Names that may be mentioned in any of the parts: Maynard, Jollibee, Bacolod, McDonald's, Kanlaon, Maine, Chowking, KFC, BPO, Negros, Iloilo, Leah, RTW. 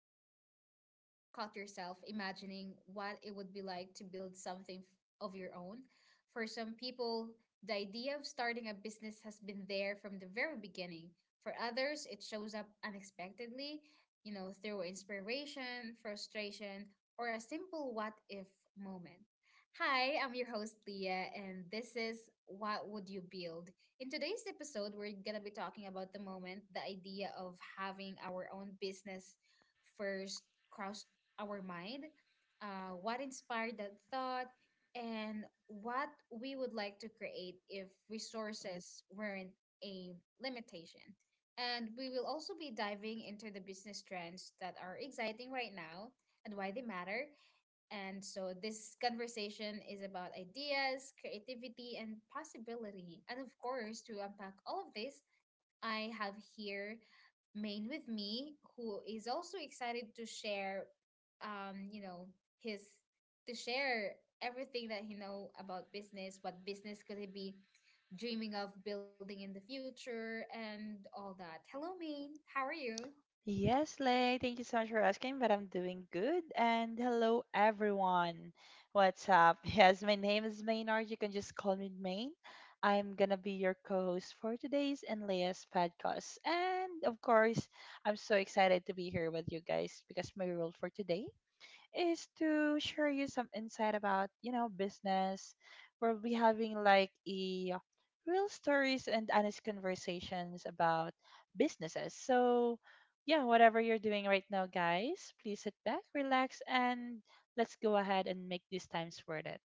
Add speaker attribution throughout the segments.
Speaker 1: podcast. Have you ever caught yourself imagining what it would be like to build something of your own? For some people, the idea of starting a business has been there from the very beginning. For others, it shows up unexpectedly, you know, through inspiration, frustration, or a simple what if moment. Hi, I'm your host, Leah, and this is What Would You Build? In today's episode, we're going to be talking about the moment the idea of having our own business first crossed our mind, what inspired that thought, and what we would like to create if resources weren't a limitation. And we will also be diving into the business trends that are exciting right now and why they matter, and so this conversation is about ideas, creativity, and possibility. And of course, to unpack all of this, I have here Maine with me, who is also excited to share, you know, his to share everything that he know about business, what business could he be dreaming of building in the future, and all that. Hello, Maine. How are you?
Speaker 2: Yes, Lay, thank you so much for asking, but I'm doing good. And hello, everyone. What's up? Yes, my name is Maynard. You can just call me Main. I'm gonna be your co host for today's and Leah's podcast. And of course, I'm so excited to be here with you guys because my role for today is to share you some insight about, business. We'll be having like a real stories and honest conversations about businesses. So, yeah, whatever you're doing right now, guys, please sit back, relax, and let's go ahead and make these times worth it.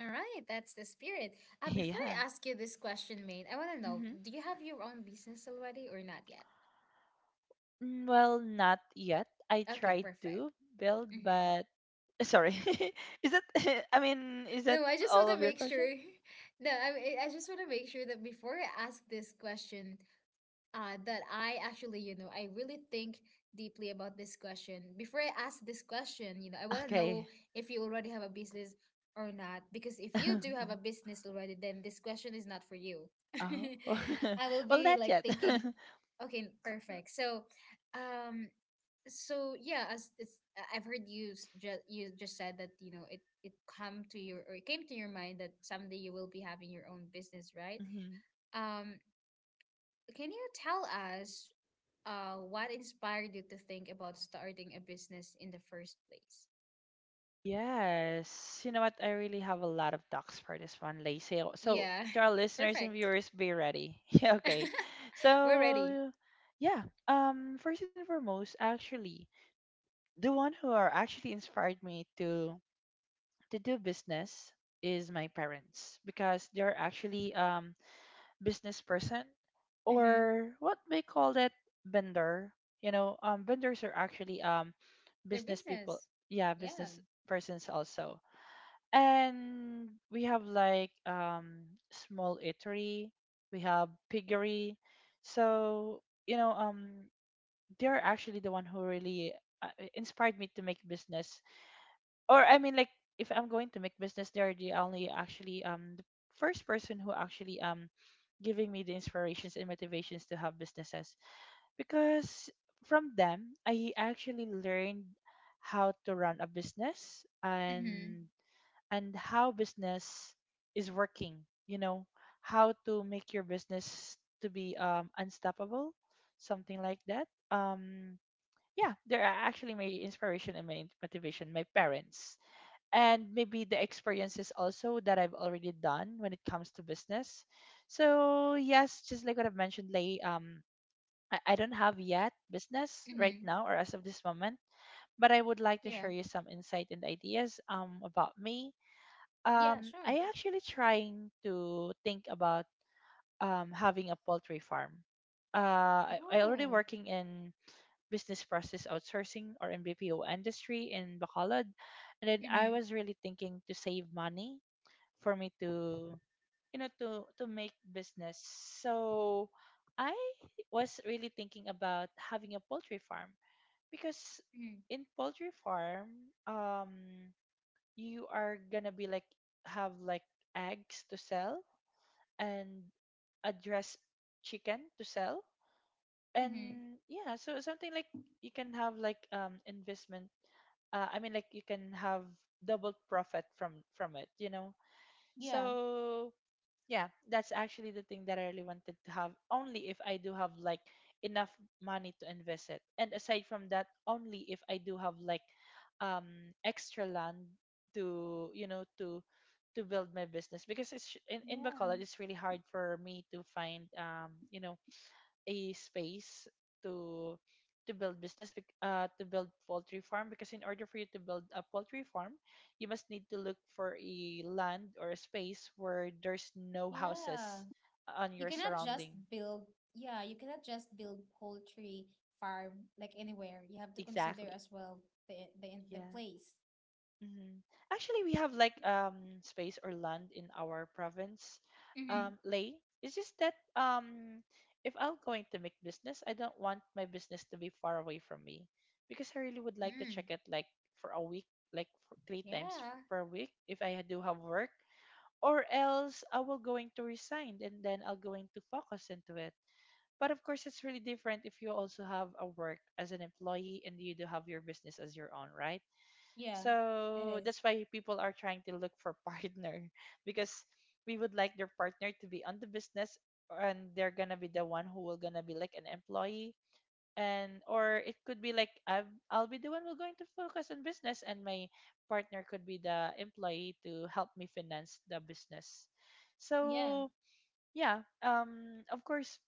Speaker 1: All right, that's the spirit. Before
Speaker 2: Yeah.
Speaker 1: I ask you this question, Maine, I want to know,
Speaker 2: hmm
Speaker 1: do you have your own business already or not yet?
Speaker 2: Well, not yet. I
Speaker 1: Okay,
Speaker 2: tried
Speaker 1: perfect.
Speaker 2: to build,
Speaker 1: Mm-hmm.
Speaker 2: but sorry. is that, I mean, is that
Speaker 1: No, I just want
Speaker 2: all of
Speaker 1: to
Speaker 2: your
Speaker 1: make sure.
Speaker 2: question?
Speaker 1: No, I just want to make sure that before I ask this question, that I actually, you know, I really think deeply about this question. Before I ask this question, you know, I want to know
Speaker 2: Okay.
Speaker 1: if you already have a business or not. Because if you do have a business already, then this question is not for you.
Speaker 2: Oh,
Speaker 1: I will
Speaker 2: well,
Speaker 1: be
Speaker 2: not
Speaker 1: like
Speaker 2: yet.
Speaker 1: thinking, okay, perfect. So, um, so yeah, I've heard you you just said that you know it come to your or it came to your mind that someday you will be having your own business, right?
Speaker 2: Mhm.
Speaker 1: Um, can you tell us what inspired you to think about starting a business in the first place?
Speaker 2: Yes, you know what? I really have a lot of talks for this one, Lacey. So,
Speaker 1: Yeah,
Speaker 2: to our listeners and
Speaker 1: perfect.
Speaker 2: viewers, be ready. Yeah, okay.
Speaker 1: We're ready.
Speaker 2: So, yeah. First and foremost, actually, the one who are actually inspired me to do business is my parents because they're actually business person
Speaker 1: Mm-hmm.
Speaker 2: or what we call that vendor, you know, vendors are actually
Speaker 1: Their
Speaker 2: business people,
Speaker 1: business.
Speaker 2: yeah,
Speaker 1: Yeah.
Speaker 2: business persons also. And we have like small eatery, we have piggery. So, you know, they're actually the one who really uh, inspired me to make business. Or I mean like if I'm going to make business, they're the only actually the first person who actually giving me the inspirations and motivations to have businesses, because from them I actually learned how to run a business,
Speaker 1: Mm-hmm.
Speaker 2: and how business is working, you know, how to make your business to be unstoppable, something like that. Yeah, they're actually my inspiration and my motivation, my parents, and maybe the experiences also that I've already done when it comes to business. So yes, just like what I've mentioned, I don't have yet business
Speaker 1: Mm-hmm.
Speaker 2: right now or as of this moment, but I would like to
Speaker 1: Yeah.
Speaker 2: share you some insight and ideas about me.
Speaker 1: Yeah, sure.
Speaker 2: I actually trying to think about having a poultry farm. I already
Speaker 1: Oh.
Speaker 2: working in business process outsourcing or in BPO industry in Bacolod, and then
Speaker 1: Mm-hmm.
Speaker 2: I was really thinking to save money for me to, you know, to make business. So I was really thinking about having a poultry farm because
Speaker 1: Mm-hmm.
Speaker 2: in poultry farm um you are gonna be like have like eggs to sell and address chicken to sell,
Speaker 1: Mm-hmm.
Speaker 2: and yeah, so something like you can have like investment. I mean like you can have double profit from it, you know.
Speaker 1: Yeah.
Speaker 2: So yeah, that's actually the thing that I really wanted to have. Only if I do have like enough money to invest it. And aside from that, only if I do have like extra land to, you know, to build my business, because it's in
Speaker 1: Yeah.
Speaker 2: Bacolod it's really hard for me to find you know, a space to to build business to build poultry farm, because in order for you to build a poultry farm you must need to look for a land or a space where there's no
Speaker 1: Yeah.
Speaker 2: houses on
Speaker 1: You
Speaker 2: your
Speaker 1: cannot just
Speaker 2: surrounding.
Speaker 1: build, yeah, you cannot just build poultry farm like anywhere. You have to consider
Speaker 2: Exactly,
Speaker 1: as well the the
Speaker 2: yeah.
Speaker 1: place.
Speaker 2: Mhm. Actually, we have like space or land in our province, Lay. It's just that if I'm going to make business, I don't want my business to be far away from me, because I really would like to
Speaker 1: Mm,
Speaker 2: check it like for a week, like for three times
Speaker 1: yeah,
Speaker 2: per week if I do have work, or else I will going to resign and then I'll going to focus into it. But of course, it's really different if you also have a work as an employee and you do have your business as your own, right?
Speaker 1: yeah, it
Speaker 2: So
Speaker 1: is.
Speaker 2: that's why people are trying to look for partner, because we would like their partner to be on the business and they're gonna be the one who will gonna be like an employee. And or it could be like I'll be the one who's going to focus on business and my partner could be the employee to help me finance the business.
Speaker 1: Yeah.
Speaker 2: So yeah, of course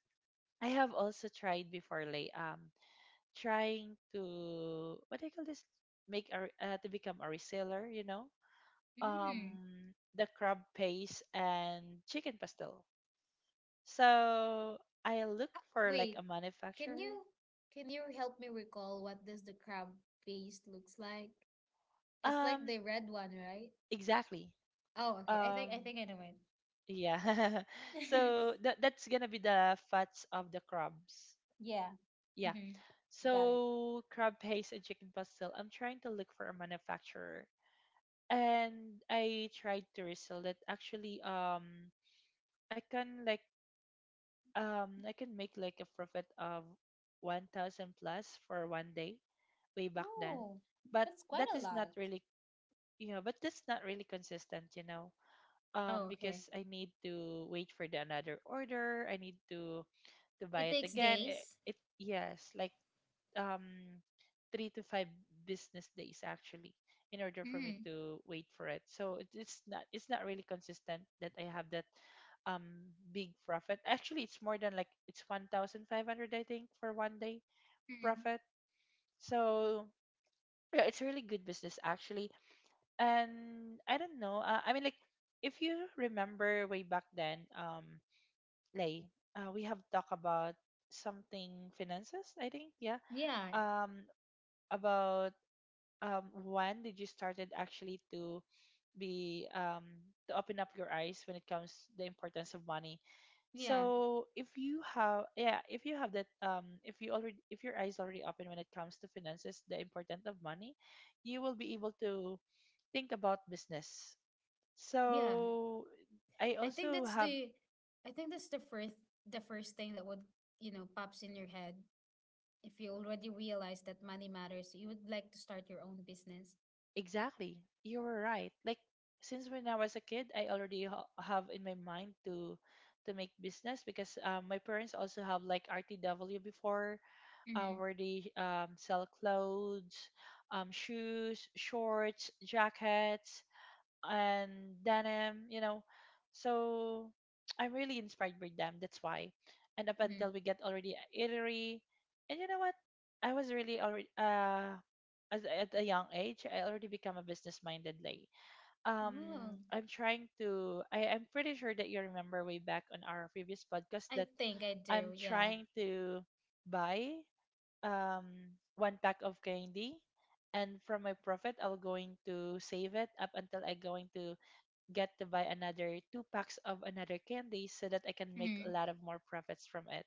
Speaker 2: I have also tried before like trying to, what do you call this, make a to become a reseller, you know,
Speaker 1: Mm.
Speaker 2: um, the crab paste and chicken pastel. So I look for like
Speaker 1: Wait,
Speaker 2: a
Speaker 1: can
Speaker 2: manufacturer.
Speaker 1: you can you help me recall what does the crab paste looks like? It's like
Speaker 2: Um,
Speaker 1: the red one, right?
Speaker 2: exactly.
Speaker 1: Oh, okay. I think I
Speaker 2: Um,
Speaker 1: think I know it.
Speaker 2: yeah. So that that's gonna be the fats of the crabs.
Speaker 1: Yeah.
Speaker 2: Yeah.
Speaker 1: Mm-hmm. Got it.
Speaker 2: So crab paste and chicken pastel. I'm trying to look for a manufacturer, and I tried to resell it. Actually, I can like I can make like a profit of 1,000 plus for one day way back then,
Speaker 1: Oh,
Speaker 2: but
Speaker 1: that's quite
Speaker 2: that
Speaker 1: a
Speaker 2: is not
Speaker 1: lot.
Speaker 2: really, you know, but that's not really consistent, you know,
Speaker 1: Oh, okay.
Speaker 2: because I need to wait for the another order. I need to
Speaker 1: It
Speaker 2: buy it
Speaker 1: takes
Speaker 2: again. it,
Speaker 1: days.
Speaker 2: it yes like um, three to five business days actually in order for me
Speaker 1: Mm.
Speaker 2: to wait for it. So it's not, it's not really consistent that I have that big profit. Actually, it's more than like it's 1,500 I think for one day
Speaker 1: Mm.
Speaker 2: profit. So yeah, it's really good business actually. And I don't know. I mean like if you remember way back then, like we have talked about something finances, I think, yeah.
Speaker 1: Yeah.
Speaker 2: Um, about when did you started actually to be to open up your eyes when it comes the importance of money?
Speaker 1: Yeah.
Speaker 2: So if you have, yeah, if you have that if you already, if your eyes already open when it comes to finances, the importance of money, you will be able to think about business.
Speaker 1: Yeah.
Speaker 2: So I
Speaker 1: I think
Speaker 2: also
Speaker 1: that's
Speaker 2: have.
Speaker 1: the I think that's the first thing that would, you know, pops in your head. If you already realize that money matters, you would like to start your own business.
Speaker 2: Exactly. You were right. Like since when I was a kid, I already have in my mind to make business because my parents also have like RTW before,
Speaker 1: Mm-hmm.
Speaker 2: where they sell clothes, shoes, shorts, jackets and denim, you know. So I'm really inspired by them. That's why. And up
Speaker 1: Mm-hmm.
Speaker 2: until we get already a eatery, and you know what? I was really already as at a young age, I already become a business minded, lay.
Speaker 1: Well,
Speaker 2: I'm trying to. I'm pretty sure that you remember way back on our previous podcast
Speaker 1: I
Speaker 2: that
Speaker 1: think I
Speaker 2: I'm
Speaker 1: do, yeah.
Speaker 2: trying to buy um one pack of candy, and from my profit I'll going to save it up until I going to get to buy another two packs of another candy so that I can make
Speaker 1: Mm-hmm.
Speaker 2: a lot of more profits from it.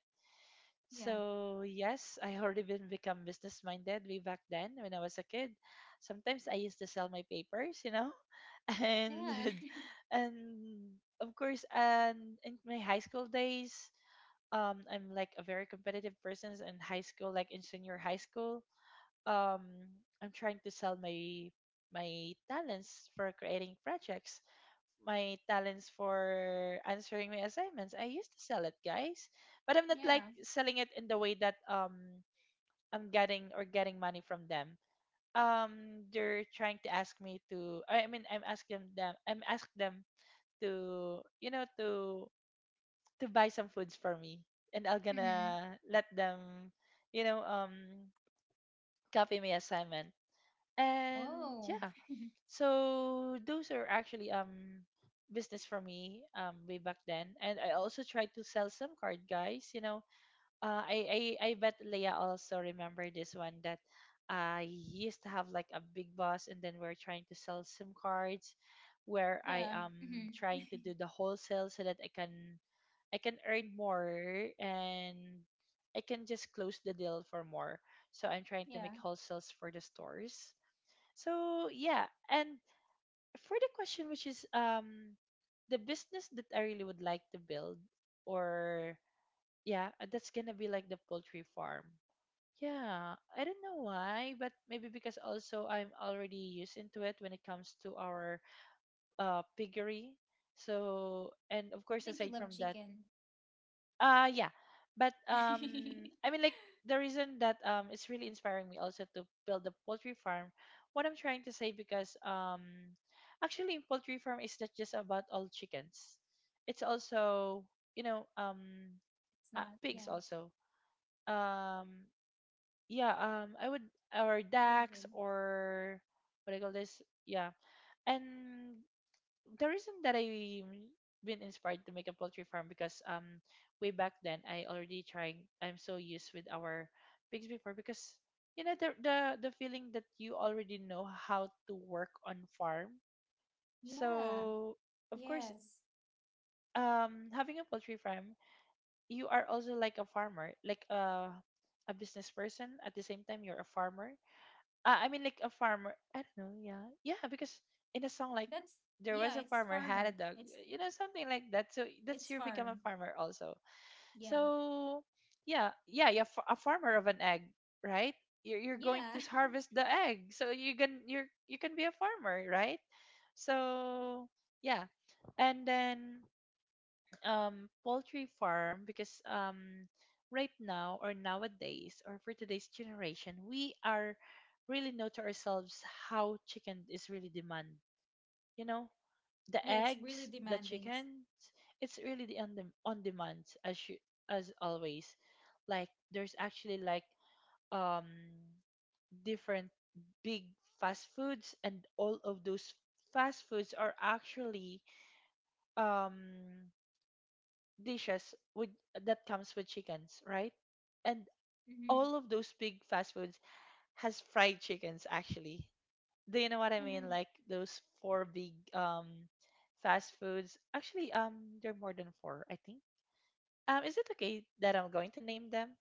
Speaker 1: Yeah.
Speaker 2: So yes, I already been become business minded way back then when I was a kid. Sometimes I used to sell my papers, you know, and
Speaker 1: Yeah.
Speaker 2: and of course, and in my high school days, I'm like a very competitive person in high school, like in senior high school. Um, I'm trying to sell my talents for creating projects, my talents for answering my assignments. I used to sell it, guys, but I'm not like
Speaker 1: yeah.
Speaker 2: selling it in the way that I'm getting or getting money from them. They're trying to ask me to. I mean, I'm asking them. I'm ask them to, you know, to buy some foods for me, and I will
Speaker 1: Mm-hmm.
Speaker 2: gonna let them, you know, copy my assignment. And
Speaker 1: Oh.
Speaker 2: yeah. So those are actually business for me way back then, and I also tried to sell some card guys. You know, I bet Leah also remember this one that I used to have like a big boss, and then we're trying to sell SIM cards, where I
Speaker 1: Yeah.
Speaker 2: am
Speaker 1: Mm-hmm.
Speaker 2: trying to do the wholesale so that I can earn more and I can just close the deal for more. So I'm trying to make
Speaker 1: yeah.
Speaker 2: wholesales for the stores. So yeah, and for the question, which is the business that I really would like to build, or yeah, that's gonna be like the poultry farm. Yeah, I don't know why, but maybe because also I'm already used into it when it comes to our piggery. So, and
Speaker 1: I
Speaker 2: of
Speaker 1: think
Speaker 2: course,
Speaker 1: you love
Speaker 2: aside from that,
Speaker 1: chicken.
Speaker 2: yeah. But
Speaker 1: it's
Speaker 2: I mean like the reason that it's really inspiring me also to build a poultry farm, what I'm trying to say, because actually poultry farm is not just about all chickens. It's also, you know,
Speaker 1: not. Yeah.
Speaker 2: pigs also. Um yeah, I would,
Speaker 1: I
Speaker 2: or
Speaker 1: agree.
Speaker 2: ducks, or what do you call this? Yeah. And the reason that I been inspired to make a poultry farm because way back then I already trying I'm so used with our pigs before because you know the feeling that you already know how to work on farm.
Speaker 1: Yeah.
Speaker 2: So of course
Speaker 1: Yes.
Speaker 2: having a poultry farm you are also like a farmer, like a business person. At the same time you're a farmer, like a farmer. I don't know. Yeah, yeah. Because in a song, like,
Speaker 1: That's
Speaker 2: there
Speaker 1: yeah.
Speaker 2: was a
Speaker 1: It's
Speaker 2: farmer had a
Speaker 1: farmer.
Speaker 2: dog. You know, something like that. So that's
Speaker 1: It's
Speaker 2: your become a
Speaker 1: farm.
Speaker 2: farmer also.
Speaker 1: Yeah.
Speaker 2: So yeah, yeah, yeah. A farmer of an egg, right? You're going
Speaker 1: Yeah.
Speaker 2: to harvest the egg, so you can be a farmer, right? So yeah, and then poultry farm because right now, or nowadays, or for today's generation, we are really know to ourselves how chicken is really demand, you know, the
Speaker 1: Yeah, it's really
Speaker 2: eggs, the
Speaker 1: demanding.
Speaker 2: chicken. It's really on demand, as you, as always, like, there's actually like um different big fast foods, and all of those fast foods are actually, um dishes with that comes with chickens, right? And
Speaker 1: Mm-hmm.
Speaker 2: all of those big fast foods has fried chickens actually. Do you know what I mean?
Speaker 1: Mm-hmm.
Speaker 2: Like those four big fast foods. Actually, there are more than four, I think. Is it okay that I'm going to name them?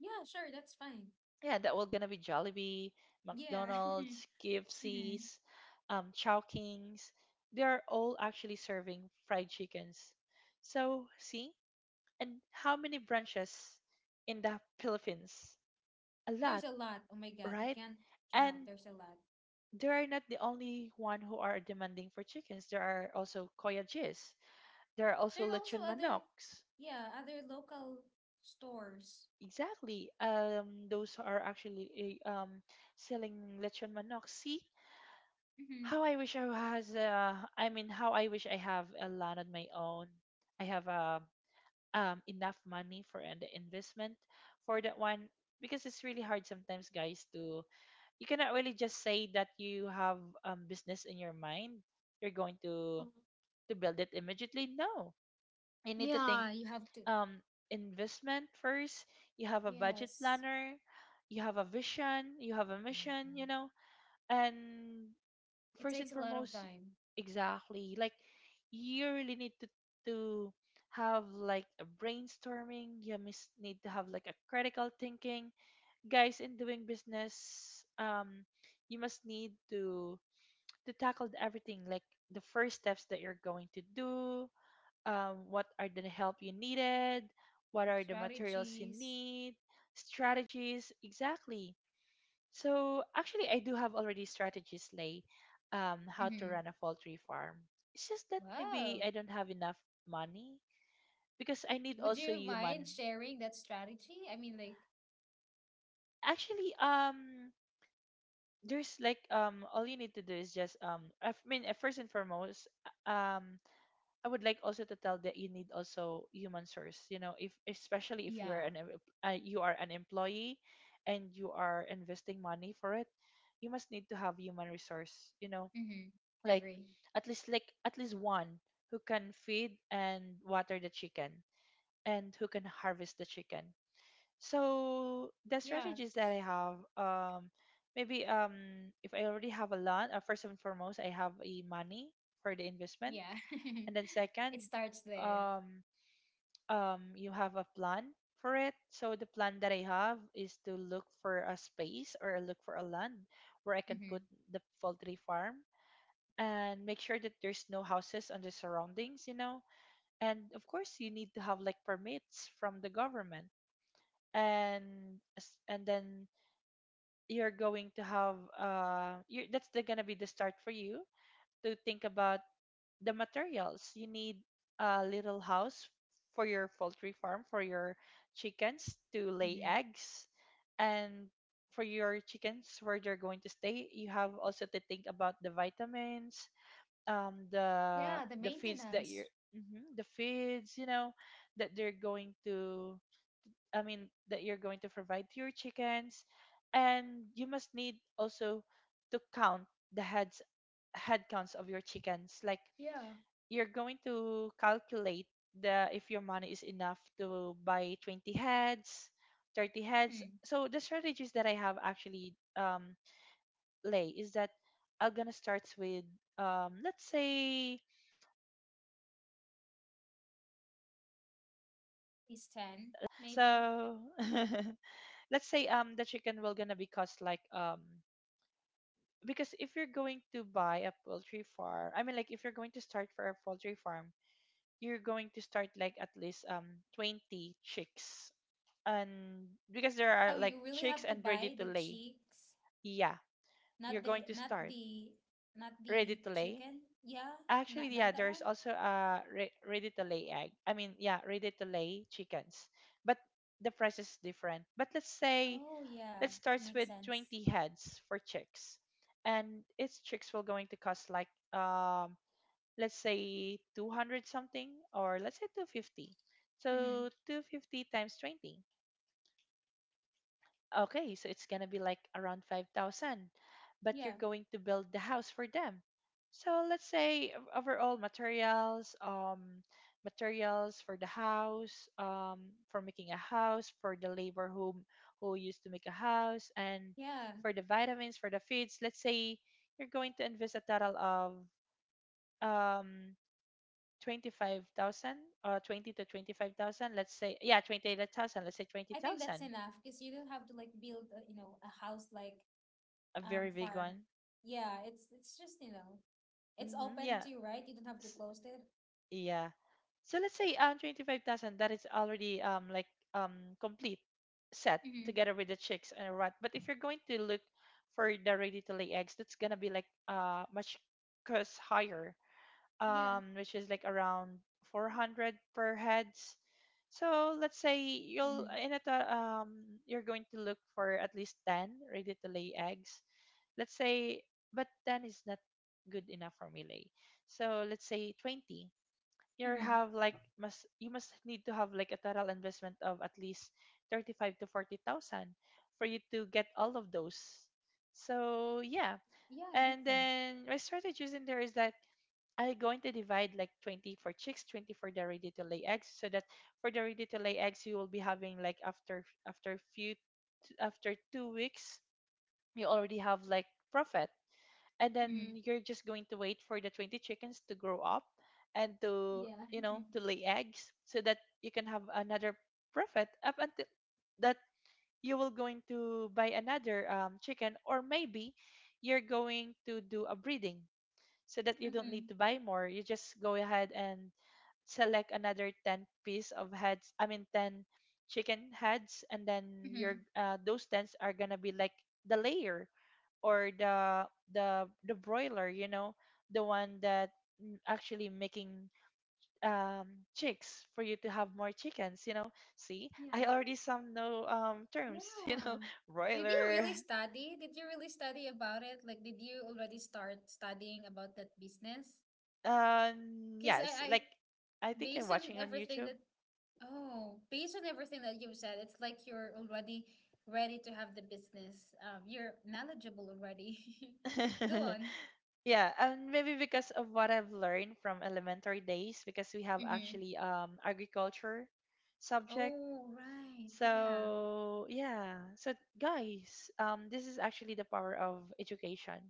Speaker 1: Yeah, sure, that's fine.
Speaker 2: Yeah, that will gonna be Jollibee,
Speaker 1: Yeah.
Speaker 2: McDonald's,
Speaker 1: Mm-hmm.
Speaker 2: KFC's, Chowkings. They are all actually serving fried chickens. So see, and how many branches in the Philippines? A
Speaker 1: There's
Speaker 2: lot,
Speaker 1: a lot. Oh my God, you
Speaker 2: right?
Speaker 1: can't count.
Speaker 2: And
Speaker 1: There's a lot.
Speaker 2: they are not the only one who are demanding for chickens. There are also koyajis. There are also
Speaker 1: There are also
Speaker 2: lechon
Speaker 1: other,
Speaker 2: manoks.
Speaker 1: yeah, other local stores.
Speaker 2: Exactly. Those are actually selling lechon manok. See
Speaker 1: Mm-hmm.
Speaker 2: how I wish I has I mean how I wish I have a land on my own. I have enough money for an investment for that one, because it's really hard sometimes, guys. To You cannot really just say that you have, business in your mind, you're going to build it immediately. No, you need to think
Speaker 1: Yeah, you have to.
Speaker 2: um, investment first. You have a budget
Speaker 1: Yes.
Speaker 2: planner, you have a vision, you have a mission, you know. And
Speaker 1: It
Speaker 2: first and
Speaker 1: takes a lot of
Speaker 2: foremost,
Speaker 1: time.
Speaker 2: exactly, like, you really need to have like a brainstorming. Need to have like a critical thinking, guys, in doing business. You must need to tackle everything, like the first steps that you're going to do, what are the help you needed, what are the materials you
Speaker 1: Strategies.
Speaker 2: need. Strategies, exactly. So actually I do have already strategies, Lay, how to
Speaker 1: Mm-hmm.
Speaker 2: run a poultry farm. It's just that
Speaker 1: Wow.
Speaker 2: maybe I don't have enough money, because I need
Speaker 1: Would
Speaker 2: also
Speaker 1: you
Speaker 2: human.
Speaker 1: mind sharing that strategy? I mean, like,
Speaker 2: Actually, there's like all you need to do is just I f- mean first and foremost, uh, um I would like also to tell that you need also human source, you know, if, especially if you are
Speaker 1: yeah.
Speaker 2: you are an employee and you are investing money for it, you must need to have human resource, you know,
Speaker 1: Mm-hmm.
Speaker 2: like,
Speaker 1: Agree.
Speaker 2: at least, like at least one who can feed and water the chicken and who can harvest the chicken. So the
Speaker 1: Yeah.
Speaker 2: strategies that
Speaker 1: 'cause-
Speaker 2: I have, maybe, if I already have a lot, first and foremost, I have a money for the investment,
Speaker 1: Yeah.
Speaker 2: and then
Speaker 1: It
Speaker 2: second,
Speaker 1: starts there.
Speaker 2: um, you have a plan for it. So the plan that I have is to look for a space or look for a land where I can put
Speaker 1: Mm-hmm.
Speaker 2: the poultry farm, and make sure that there's no houses on the surroundings, you know. And of course, you need to have like permits from the government, and then you're going to have gonna be the start for you to think about the materials you need, a little house for your poultry farm, for your chickens to lay
Speaker 1: Mm-hmm.
Speaker 2: eggs, and for your chickens where they're going to stay. You have also to think about the vitamins, um the
Speaker 1: Yeah, the
Speaker 2: the feeds that you're,
Speaker 1: maintenance.
Speaker 2: Mhm, the feeds, you know, that they're going to I mean, that you're going to provide to your chickens. And you must need also to count the heads, head counts of your chickens. Like,
Speaker 1: Yeah.
Speaker 2: you're going to calculate the if your money is enough to buy 20 heads, 30 heads.
Speaker 1: Hmm.
Speaker 2: So the strategies that I have actually, Lay, is that I'm gonna start with, let's say, let me try to pull up my calculator. I'm gonna be the accountant also from
Speaker 1: Is
Speaker 2: now.
Speaker 1: 10, maybe.
Speaker 2: So let's say the chicken will gonna be cost like, because if you're going to buy a poultry farm, if you're going to start for a poultry farm, you're going to start like at least 20 chicks, and because there are
Speaker 1: Oh,
Speaker 2: like
Speaker 1: you really
Speaker 2: chicks
Speaker 1: have to
Speaker 2: and ready
Speaker 1: buy
Speaker 2: to
Speaker 1: the
Speaker 2: lay.
Speaker 1: cheeks,
Speaker 2: Yeah, you're going to
Speaker 1: not
Speaker 2: start
Speaker 1: the not
Speaker 2: ready
Speaker 1: the
Speaker 2: to lay.
Speaker 1: chicken. Yeah,
Speaker 2: Actually,
Speaker 1: not
Speaker 2: yeah,
Speaker 1: not that
Speaker 2: there's
Speaker 1: one.
Speaker 2: also a ready to lay egg, yeah, ready to lay chickens. But the price is different. But let's say
Speaker 1: Oh yeah,
Speaker 2: that
Speaker 1: it
Speaker 2: starts
Speaker 1: makes
Speaker 2: with
Speaker 1: sense.
Speaker 2: 20 heads for chicks. And it's chicks will going to cost like, let's say 200 something, or let's say 250. So
Speaker 1: Mm-hmm.
Speaker 2: 250 times 20. Okay, so it's gonna be like around 5,000, but
Speaker 1: Yeah,
Speaker 2: you're going to build the house for them. So let's say overall materials, materials for the house, for making a house, for the labor who used to make a house, and
Speaker 1: yeah.
Speaker 2: for the vitamins, for the feeds. Let's say you're going to invest a total of um 25,000, or 20 to 25,000. Let's say, yeah, 28,000. Let's say
Speaker 1: I think that's
Speaker 2: 20,000.
Speaker 1: enough because you don't have to like build a, you know a house like
Speaker 2: A very big
Speaker 1: farm.
Speaker 2: one.
Speaker 1: Yeah, it's just, you know, it's
Speaker 2: Hmm,
Speaker 1: open
Speaker 2: yeah.
Speaker 1: too, right? You don't have to
Speaker 2: S-
Speaker 1: close it.
Speaker 2: Yeah. So let's say 25,000, that is already complete set
Speaker 1: Mm-hmm.
Speaker 2: together with the chicks and rot. But if you're going to look for the ready to lay eggs, that's gonna be like much cost higher.
Speaker 1: Yeah.
Speaker 2: Which is like around 400 per heads. So let's say you'll
Speaker 1: Mm-hmm.
Speaker 2: you're going to look for at least 10 ready to lay eggs. Let's say, but 10 is not good enough for me, Lay. So let's say 20. You
Speaker 1: Mm-hmm.
Speaker 2: have like must you must need to have like a total investment of at least 35 to 40,000 for you to get all of those. So, yeah.
Speaker 1: Yeah, it
Speaker 2: And
Speaker 1: makes sense.
Speaker 2: then my strategies in there is that I'm going to divide like 20 for chicks, 20 for the ready to lay eggs, so that for the ready to lay eggs you will be having like after 2 weeks you already have like profit, and
Speaker 1: Mm-hmm.
Speaker 2: then you're just going to wait for the 20 chickens to grow up and to,
Speaker 1: Yeah.
Speaker 2: you know, to lay eggs, so that you can have another profit up until that you will going to buy another, chicken, or maybe you're going to do a breeding so that you don't
Speaker 1: Mm-hmm.
Speaker 2: need to buy more. You just go ahead and select another 10 piece of heads, I mean 10 chicken heads, and then
Speaker 1: Mm-hmm.
Speaker 2: your those 10s are going to be like the layer, or the the broiler, you know, the one that actually making um chicks for you to have more chickens, you know. See, I
Speaker 1: Yeah.
Speaker 2: already some know terms, you know,
Speaker 1: Yeah. Did you
Speaker 2: broiler.
Speaker 1: really study? Did you really study about it? Like, did you already start studying about that business? Because
Speaker 2: Yes, like, I think I'm
Speaker 1: based on
Speaker 2: watching on
Speaker 1: everything
Speaker 2: YouTube.
Speaker 1: that Oh, based on everything that you've said, it's like you're already ready to have the business. You're knowledgeable already. Go on.
Speaker 2: Yeah, and maybe because of what I've learned from elementary days, because we have
Speaker 1: Mm-hmm.
Speaker 2: actually agriculture subject.
Speaker 1: Oh, right. Yeah.
Speaker 2: So yeah, so guys, this is actually the power of education.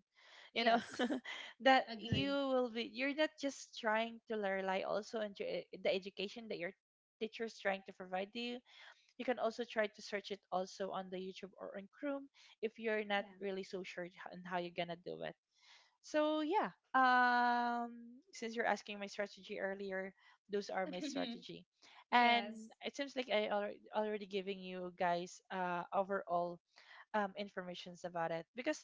Speaker 2: You know,
Speaker 1: Yes.
Speaker 2: that you
Speaker 1: Agree.
Speaker 2: will be you're not just trying to rely also on your the education that your teacher's trying to provide you. You can also try to search it also on the YouTube or on Chrome if you're not really so sure on how you're gonna do it. So yeah, since you're asking my strategy earlier, those are my
Speaker 1: Yeah.
Speaker 2: strategy,
Speaker 1: Yes.
Speaker 2: and it seems like I already giving you guys overall informations about it, because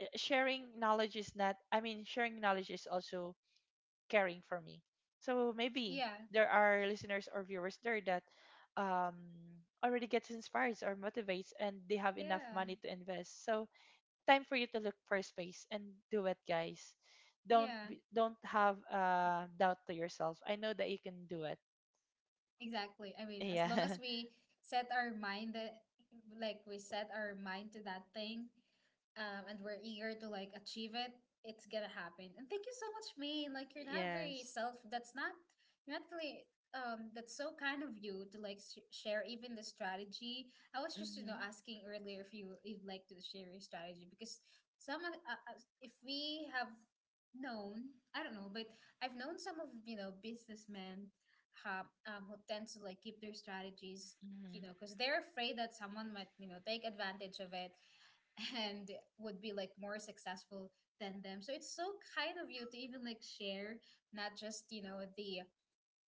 Speaker 2: sharing knowledge is not. I mean, sharing knowledge is also caring for me. So
Speaker 1: Yeah.
Speaker 2: maybe there are listeners or viewers there that um already gets inspired or motivates, and they have enough
Speaker 1: Yeah.
Speaker 2: money to invest. So time for you to look for space and do it, guys.
Speaker 1: Yeah.
Speaker 2: Don't have doubt to yourself. I know that you can do it.
Speaker 1: Exactly. I mean, as long
Speaker 2: Yeah.
Speaker 1: as we set our mind that, like we set our mind to that thing, and we're eager to like achieve it, it's gonna happen. And thank you so much, Maine. Like you're not very
Speaker 2: Yes.
Speaker 1: self. That's not you're not really. That's so kind of you to like share even the strategy. I was just you know
Speaker 2: Mhm.
Speaker 1: asking earlier if you you'd like to share your strategy because if we have known I don't know, but I've known some of you know businessmen who tend to like keep their strategies you
Speaker 2: Mhm.
Speaker 1: know because they're afraid that someone might you know take advantage of it and would be like more successful than them so it's so kind of you to even like share not just you know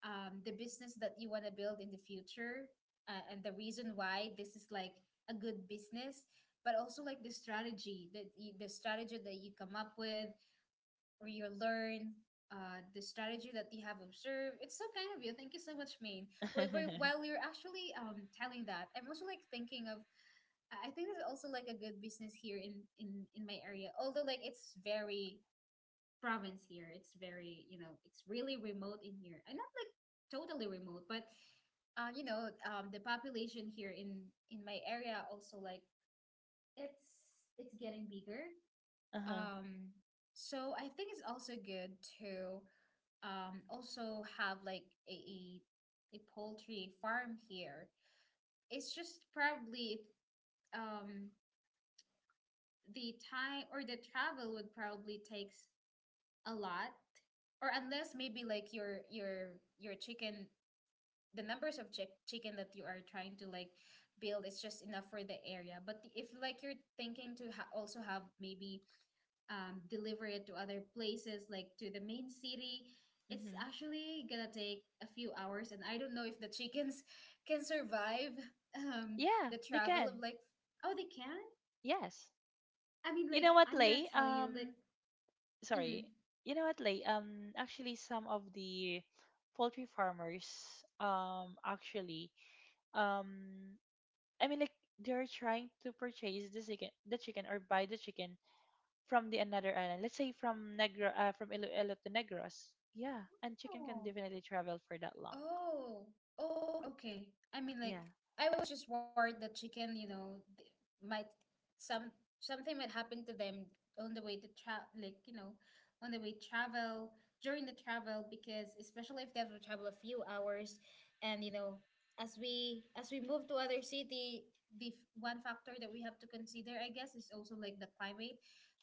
Speaker 1: the business that you want to build in the future, and the reason why this is like a good business but also like the strategy that you, the strategy that you come up with or you learn the strategy that you have observed. It's so kind of you, thank you so much, Maine. Wait, while you're actually telling that, I'm also like thinking of I think there's also like a good business here in my area. Although like it's very province here. It's very you know it's really remote in here, and not like totally remote, but you know the population here in my area also like it's getting bigger.
Speaker 2: Uh-huh.
Speaker 1: Um, so I think it's also good to also have like a a, a poultry farm here. It's just probably um the time or the travel would probably takes a lot, or unless maybe like your chicken the numbers of chicken that you are trying to like build is just enough for the area, but if like you're thinking to also have maybe, deliver it to other places like to the main city, it's
Speaker 2: Mhm.
Speaker 1: actually gonna take a few hours, and I don't know if the chickens can survive um,
Speaker 2: Yeah,
Speaker 1: the
Speaker 2: they
Speaker 1: travel of
Speaker 2: can.
Speaker 1: like oh they can
Speaker 2: Yes.
Speaker 1: I mean
Speaker 2: You know
Speaker 1: like
Speaker 2: what,
Speaker 1: I'm gonna
Speaker 2: Lay?
Speaker 1: tell you like
Speaker 2: Sorry.
Speaker 1: mhm.
Speaker 2: You know what, Lay? Actually some of the poultry farmers, actually um I mean like they're trying to purchase the chicken or buy the chicken from the another island. Let's say from from Iloilo to Negros. Yeah, and chicken can
Speaker 1: Oh,
Speaker 2: definitely travel for that long.
Speaker 1: oh, oh, okay. I mean, like,
Speaker 2: Yeah.
Speaker 1: I was just worried that chicken, you know, might some something might happen to them on the way to travel, like, you know, on the way travel during the travel because especially if they have to travel a few hours, and you know, as we move to other city, the one factor that we have to consider, I guess, is also like the climate,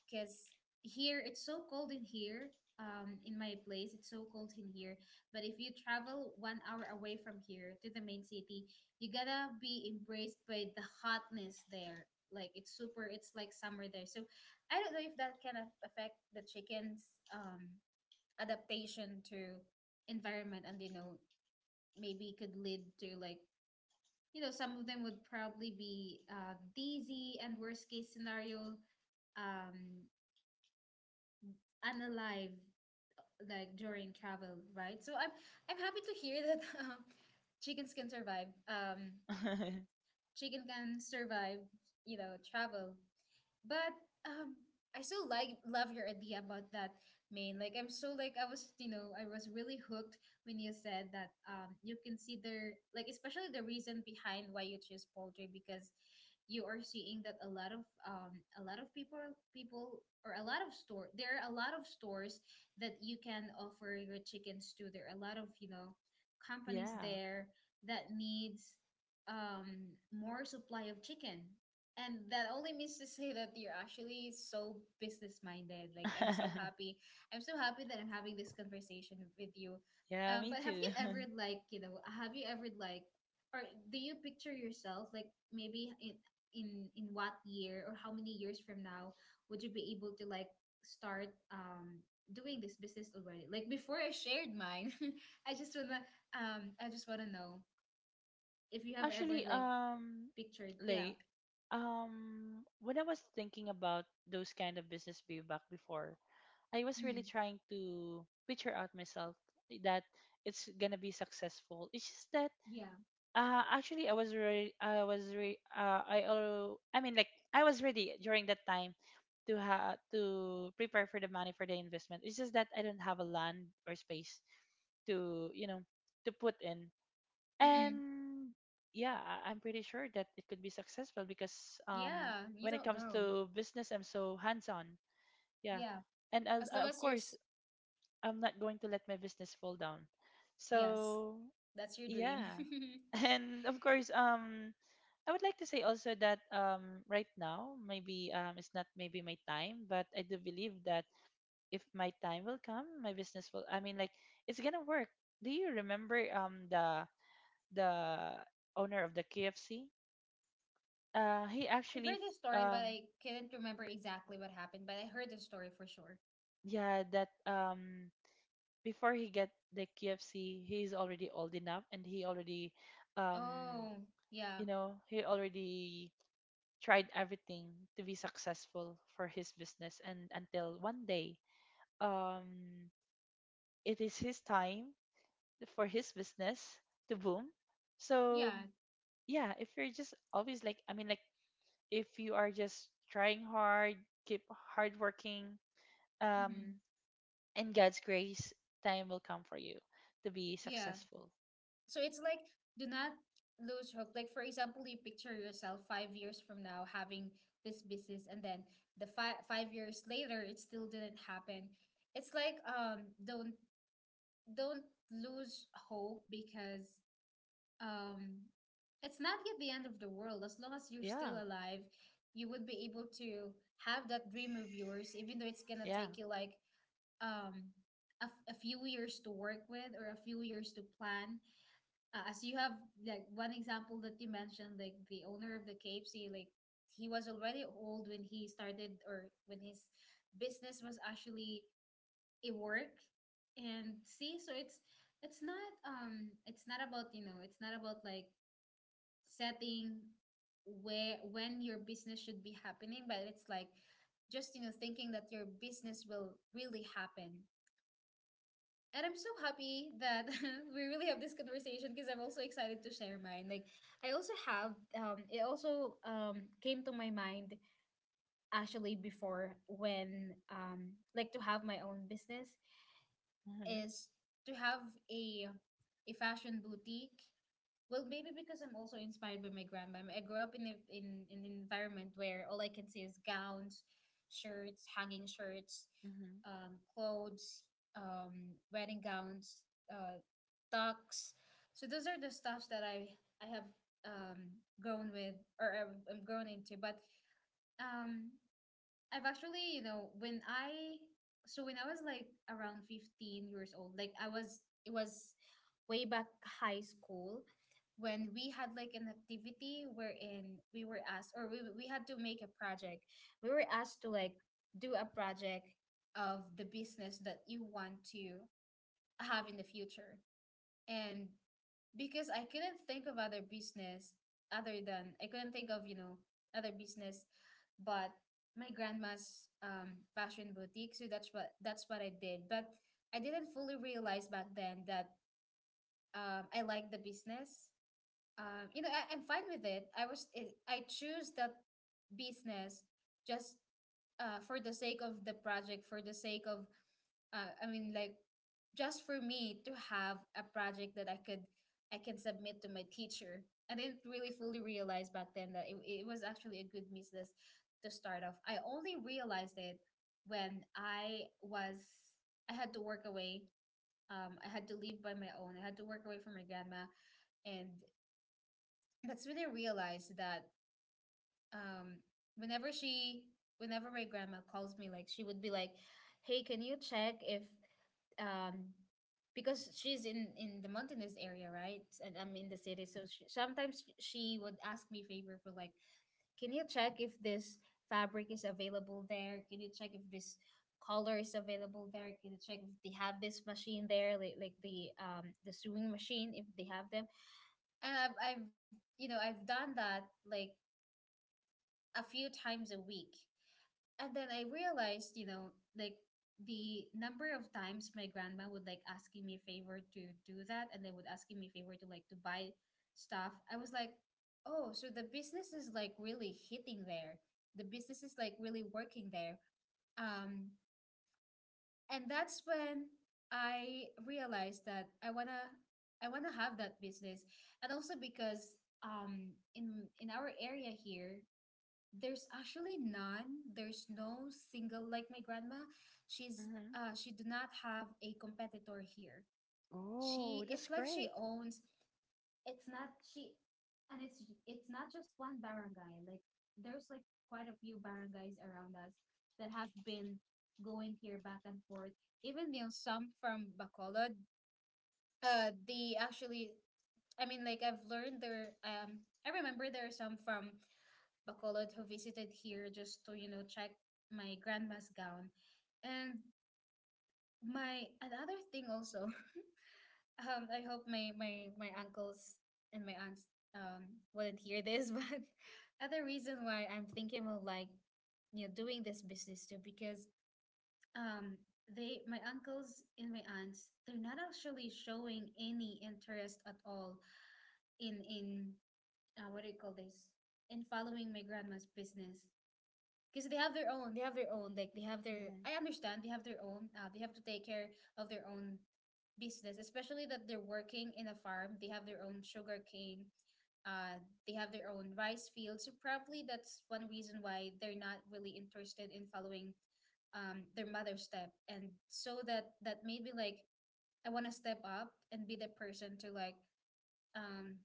Speaker 1: because here it's so cold in here. In my place, it's so cold in here, but if you travel 1 hour away from here to the main city, you gotta be embraced by the hotness there. Like it's super, it's like summer there. So I don't know if that can affect the chicken's adaptation to environment, and you know maybe could lead to like you know some of them would probably be dizzy and worst case scenario um unalive like during travel, right? So I'm happy to hear that chickens can survive. Chicken can survive, you know, travel but um I still like love your idea about that, main like I'm so like I was you know I was really hooked when you said that you consider like especially the reason behind why you choose poultry because you are seeing that a lot of people or a lot of store there are a lot of stores that you can offer your chickens to, there are a lot of you know companies
Speaker 2: Yeah.
Speaker 1: there that needs more supply of chicken, and that only means to say that you're actually so business minded. Like I'm so happy. I'm so happy that I'm having this conversation with you.
Speaker 2: Yeah, me
Speaker 1: But have
Speaker 2: too.
Speaker 1: you ever like you know have you ever like or do you picture yourself like maybe in what year or how many years from now would you be able to like start doing this business already? Like before I shared mine, I just wanna I just wanna know if you have ever
Speaker 2: Actually,
Speaker 1: like pictured yeah
Speaker 2: Lay, when I was thinking about those kind of business way back before, I was really
Speaker 1: mm,
Speaker 2: trying to picture out myself that it's gonna be successful. It's just that
Speaker 1: yeah
Speaker 2: Actually, I was re I was re I al I mean, like, I was ready during that time to prepare for the money for the investment. It's just that I don't have a land or space to, you know, to put in.
Speaker 1: mm-hmm.
Speaker 2: And yeah, I'm pretty sure that it could be successful because
Speaker 1: Yeah, you
Speaker 2: when it
Speaker 1: don't
Speaker 2: comes
Speaker 1: know.
Speaker 2: to business, I'm so hands-on. Yeah,
Speaker 1: Yeah,
Speaker 2: and I'll,
Speaker 1: as long
Speaker 2: of
Speaker 1: as you're,
Speaker 2: course, I'm not going to let my business fall down.
Speaker 1: yes,
Speaker 2: So
Speaker 1: that's your dream.
Speaker 2: yeah, and of course, I would like to say also that right now, maybe it's not maybe my time, but I do believe that if my time will come, my business will. It's gonna work. Do you remember
Speaker 1: I
Speaker 2: the owner of the KFC? Uh, he actually
Speaker 1: heard the
Speaker 2: f-
Speaker 1: story, but
Speaker 2: um
Speaker 1: I couldn't remember exactly what happened, but I heard the story for sure.
Speaker 2: yeah, that before he get the KFC, he's already old enough and he already um
Speaker 1: Oh, yeah,
Speaker 2: you know he already tried everything to be successful for his business. And until one day, um, it is his time for his business to boom. So
Speaker 1: yeah.
Speaker 2: yeah, if you're just always like, if you are just trying hard, keep hard working,
Speaker 1: Hmm,
Speaker 2: um, in God's grace, time will come for you to be
Speaker 1: yeah.
Speaker 2: successful.
Speaker 1: So it's like, do not lose hope. Like, for example, you picture yourself 5 years from now having this business, and then the five years later, it still didn't happen. It's like, don't lose hope, because um it's not yet the end of the world. As long as you're still
Speaker 2: Yeah,
Speaker 1: alive, you would be able to have that dream of yours, even though it's gonna
Speaker 2: yeah.
Speaker 1: take you like um a few years to work with, or a few years to plan, as you have like one example that you mentioned, like the owner of the KFC. Like, he was already old when he started, or when his business was actually a work. And see, so it's not, it's not about, setting where when your business should be happening, but it's like just thinking that your business will really happen. And I'm so happy that we really have this conversation, because I'm also excited to share mine. Like, I also have it also came to my mind, actually, before, when like to have my own business
Speaker 2: Mhm,
Speaker 1: is to have a a fashion boutique. Well, maybe because I'm also inspired by my grandma. I grew up in in an environment where all I can see is gowns, shirts, hanging shirts,
Speaker 2: mhm,
Speaker 1: clothes, wedding gowns, uh, tucks. So those are the stuffs that I have grown with, or I'm grown into. But um, I've actually, you know, when I so when I was like around 15 years old. Like, I was it was way back high school when we had like an activity wherein we were asked, or we had to make a project. We were asked to like do a project of the business that you want to have in the future. And because I couldn't think of other business, other than, I couldn't think of, other business, but my grandma's fashion boutique. So that's what I did. But I didn't fully realize back then that I like the business. You know, I'm fine with it. I choose that business just for the sake of the project, for the sake of, I mean, like, just for me to have a project that I can submit to my teacher. I didn't really fully realize back then that it was actually a good business to start off. I only realized it when I had to work away. I had to leave by my own. I had to work away from my grandma, and that's when I realized that, um whenever she whenever my grandma calls me, like, she would be like, hey, can you check if, um because she's in the mountainous area, right? And I'm in the city. So she, sometimes she would ask me favor for, like, can you check if this fabric is available there, can you check if this color is available there, can you check if they have this machine there, like the sewing machine, if they have them. And I've you know I've done that like a few times a week, and then I realized, like, the number of times my grandma would like asking me a favor to do that, and they would asking me a favor to, like, to buy stuff. I was like, oh, so the business is like really hitting there. The business is like really working there. Um, and that's when I realized that I wanna have that business, and also because, in our area here, there's actually none. There's no single like my grandma. She's
Speaker 2: mhm.
Speaker 1: she do not have a competitor here.
Speaker 2: Oh,
Speaker 1: She
Speaker 2: that's
Speaker 1: It's like she
Speaker 2: great.
Speaker 1: owns, it's not she and it's it's not just one barangay. Like, there's like quite a few barangays around us that have been going here back and forth. Even, some from Bacolod. They actually I mean, like, I've learned there, I remember, there are some from Bacolod who visited here just to check my grandma's gown. And my another thing also, I hope my uncles and my aunts um wouldn't hear this, but other reason why I'm thinking of, like, doing this business too, because um they my uncles and my aunts, they're not actually showing any interest at all in what do you call this, in following my grandma's business, because they have their own, like, they have their
Speaker 2: Mhm,
Speaker 1: I understand they have their own, they have to take care of their own business, especially that they're working in a farm. They have their own sugar cane, uh, they have their own rice fields. So probably that's one reason why they're not really interested in following, their mother's step. And so that made me like, I want to step up and be the person to, like, um,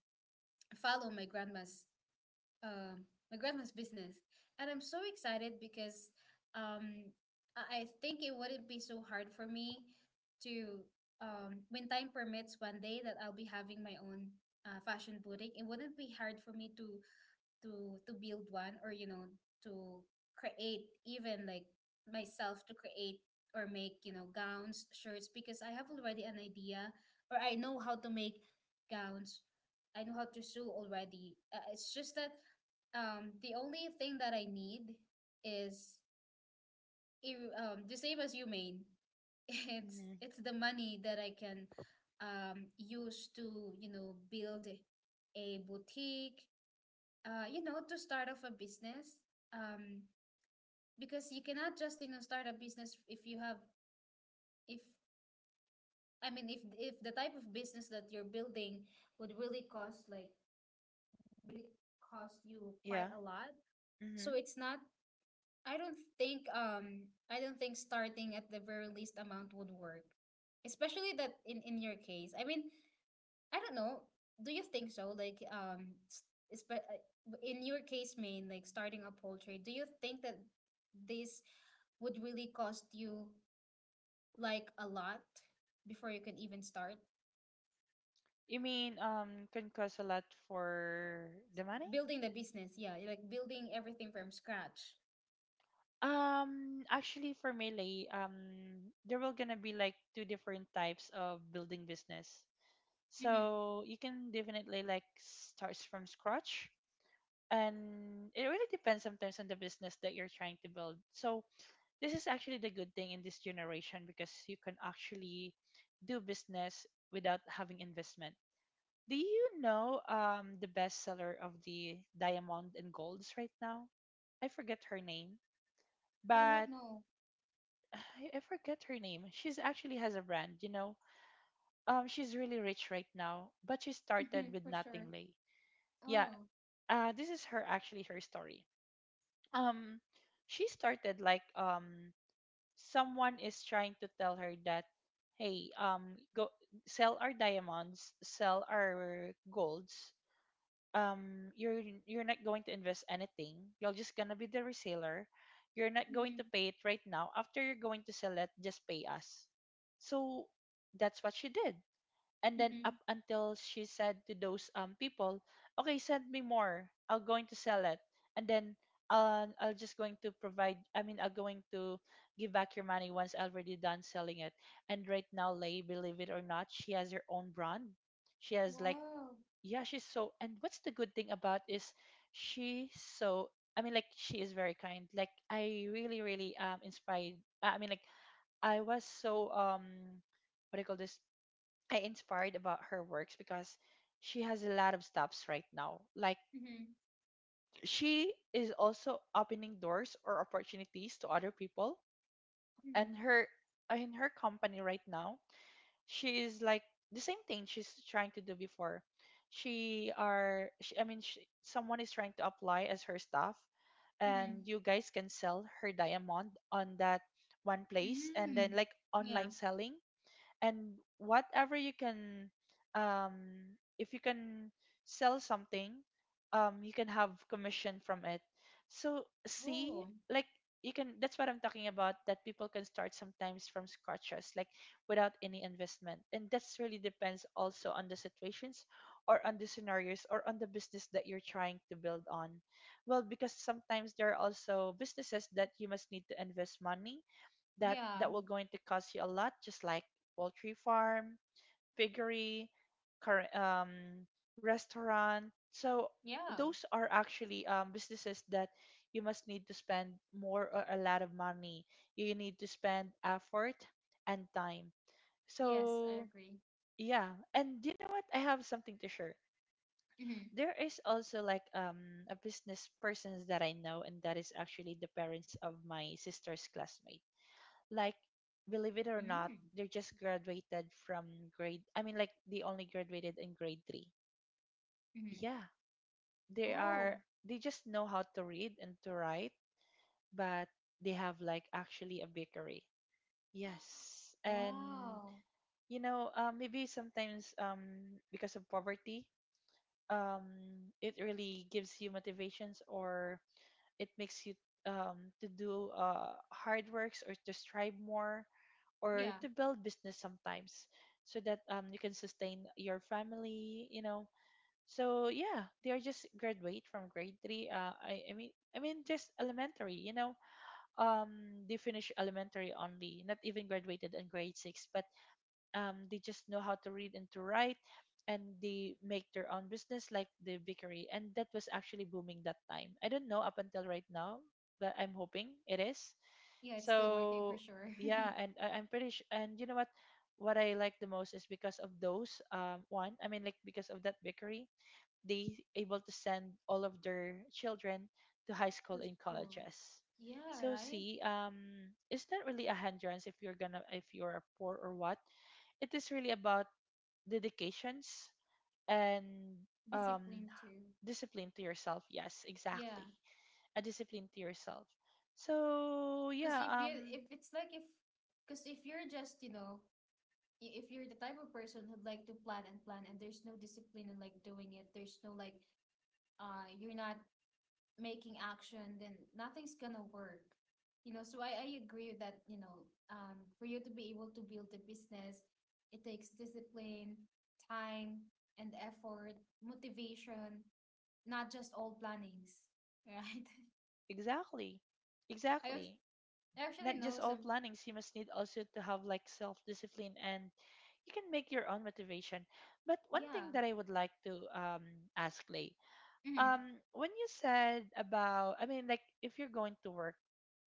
Speaker 1: follow um, my grandma's business. And I'm so excited because, um, I think it wouldn't be so hard for me to, when time permits, one day that I'll be having my own, fashion boutique. It wouldn't be hard for me to build one, or, to create, even like myself, to create, or make, gowns, shirts, because I have already an idea, or I know how to make gowns. I know how to sew already. It's just that, the only thing that I need is, the same as you, main. it's
Speaker 2: mhm.
Speaker 1: it's the money that I can use to, you know, build a boutique, you know, to start off a business. Um, because you cannot just, you know, start a business if you have, if, I mean, if the type of business that you're building would really cost you quite
Speaker 2: Yeah.
Speaker 1: a lot. So
Speaker 2: Mhm.
Speaker 1: it's not, I don't think starting at the very least amount would work. Especially that in your case. I mean, I don't know. Do you think so? Like, it's but in your case, main, like starting a poultry. Do you think that this would really cost you like a lot before you can even start
Speaker 2: You mean can cost a lot for the money?
Speaker 1: building the business? Yeah, like building everything from scratch.
Speaker 2: Actually, for Melee, there will gonna be like two different types of building business.
Speaker 1: Mm-hmm.
Speaker 2: So you can definitely like starts from scratch, and it really depends sometimes on the business that you're trying to build. So this is actually the good thing in this generation because you can actually do business without having investment. Do you know the bestseller of the diamond and golds right now? I forget her name,
Speaker 1: Oh, I don't
Speaker 2: but
Speaker 1: know.
Speaker 2: I forget her name. She's actually has a brand, you know. She's really rich right now, but she started
Speaker 1: Mm-hmm,
Speaker 2: with
Speaker 1: for sure.
Speaker 2: nothing, lay. Yeah,
Speaker 1: Oh.
Speaker 2: this is her actually her story. Um, she started like, someone is trying to tell her that, hey, go sell our diamonds, sell our golds, you're not going to invest anything, you're just gonna be the reseller, you're not going
Speaker 1: Mm-hmm.
Speaker 2: to pay it right now, after you're going to sell it just pay us. So that's what she did, and then up
Speaker 1: Mm-hmm.
Speaker 2: until she said to those people, okay, send me more, I'll going to sell it. And then I'll just going to provide, I'm going to give back your money once already done selling it. And right now, Lay, believe it or not, she has her own brand. She has like,
Speaker 1: Wow.
Speaker 2: yeah, she's so, and what's the good thing about is she's so, she is very kind. Like, I really really inspired, i mean like I was so what do you call this I inspired about her works because she has a lot of stops right now. Like,
Speaker 1: Mm-hmm.
Speaker 2: she is also opening doors or opportunities to other people.
Speaker 1: Mm-hmm.
Speaker 2: And her, in her company right now, she is like the same thing she's trying to do before. She are she, I mean she, Someone is trying to apply as her staff,
Speaker 1: Mm-hmm.
Speaker 2: and you guys can sell her diamond on that one place and
Speaker 1: Mm.
Speaker 2: then like
Speaker 1: Yeah.
Speaker 2: online selling, and whatever you can um if you can sell something, you can have commission from it. So see,
Speaker 1: Oh,
Speaker 2: like, you can, that's what I'm talking about, that people can start sometimes from scratches like without any investment. And that's really depends also on the situations or on the scenarios or on the business that you're trying to build on. Well, because sometimes there are also businesses that you must need to invest money,
Speaker 1: yeah.
Speaker 2: that will going to cost you a lot, just like poultry farm, piggery, cur- um, restaurant. So
Speaker 1: Yeah.
Speaker 2: those are actually businesses that you must need to spend more or a lot of money. You need to spend effort and time.
Speaker 1: Yes, I
Speaker 2: So
Speaker 1: agree.
Speaker 2: yeah, and you know what, I have something to share.
Speaker 1: Mm-hmm.
Speaker 2: There is also like a business persons that I know, and that is actually the parents of my sister's classmate. Like, believe it or not,
Speaker 1: Mm,
Speaker 2: they're just graduated from grade I mean like they only graduated in grade 3.
Speaker 1: mm.
Speaker 2: Yeah, they
Speaker 1: Oh.
Speaker 2: are, they just know how to read and to write, but they have like actually a bakery. Yes, and
Speaker 1: Wow.
Speaker 2: you know, maybe sometimes because of poverty, um it really gives you motivations, or it makes you to do hard works or to strive more or
Speaker 1: Yeah,
Speaker 2: to build business sometimes, so that you can sustain your family, you know. So yeah, they are just graduate from grade three, just elementary, you know. They finish elementary only, not even graduated in grade six, but they just know how to read and to write, and they make their own business like the bakery. And that was actually booming that time, I don't know up until right now, but I'm hoping it is.
Speaker 1: yeah, it's still working for
Speaker 2: So
Speaker 1: sure.
Speaker 2: yeah, and I'm pretty sure, and you know what I like the most is because of those one I mean like because of that bakery, they able to send all of their children to high
Speaker 1: To
Speaker 2: school and
Speaker 1: school.
Speaker 2: colleges.
Speaker 1: Yeah,
Speaker 2: So
Speaker 1: right?
Speaker 2: see, it's not really a hindrance if you're gonna, if you're poor or what. It is really about dedications and um
Speaker 1: Discipline too.
Speaker 2: discipline to yourself. Yes,
Speaker 1: Yeah,
Speaker 2: exactly, a discipline to yourself. So
Speaker 1: because
Speaker 2: yeah,
Speaker 1: if it's like if because if you're just, you know, if you're the type of person who'd like to plan and plan, and there's no discipline in like doing it, there's no like, you're not making action, then nothing's gonna work. So I agree that, for you to be able to build a business, it takes discipline, time, and effort, motivation, not just all plannings, right?
Speaker 2: exactly.
Speaker 1: I actu-
Speaker 2: Exactly.
Speaker 1: I actually
Speaker 2: Not
Speaker 1: know
Speaker 2: just all
Speaker 1: some,
Speaker 2: plannings, you must need also to have like self discipline, and you can make your own motivation. But one thing
Speaker 1: yeah.
Speaker 2: that I would like to ask Lay,
Speaker 1: Mhm.
Speaker 2: when you said about, if you're going to work,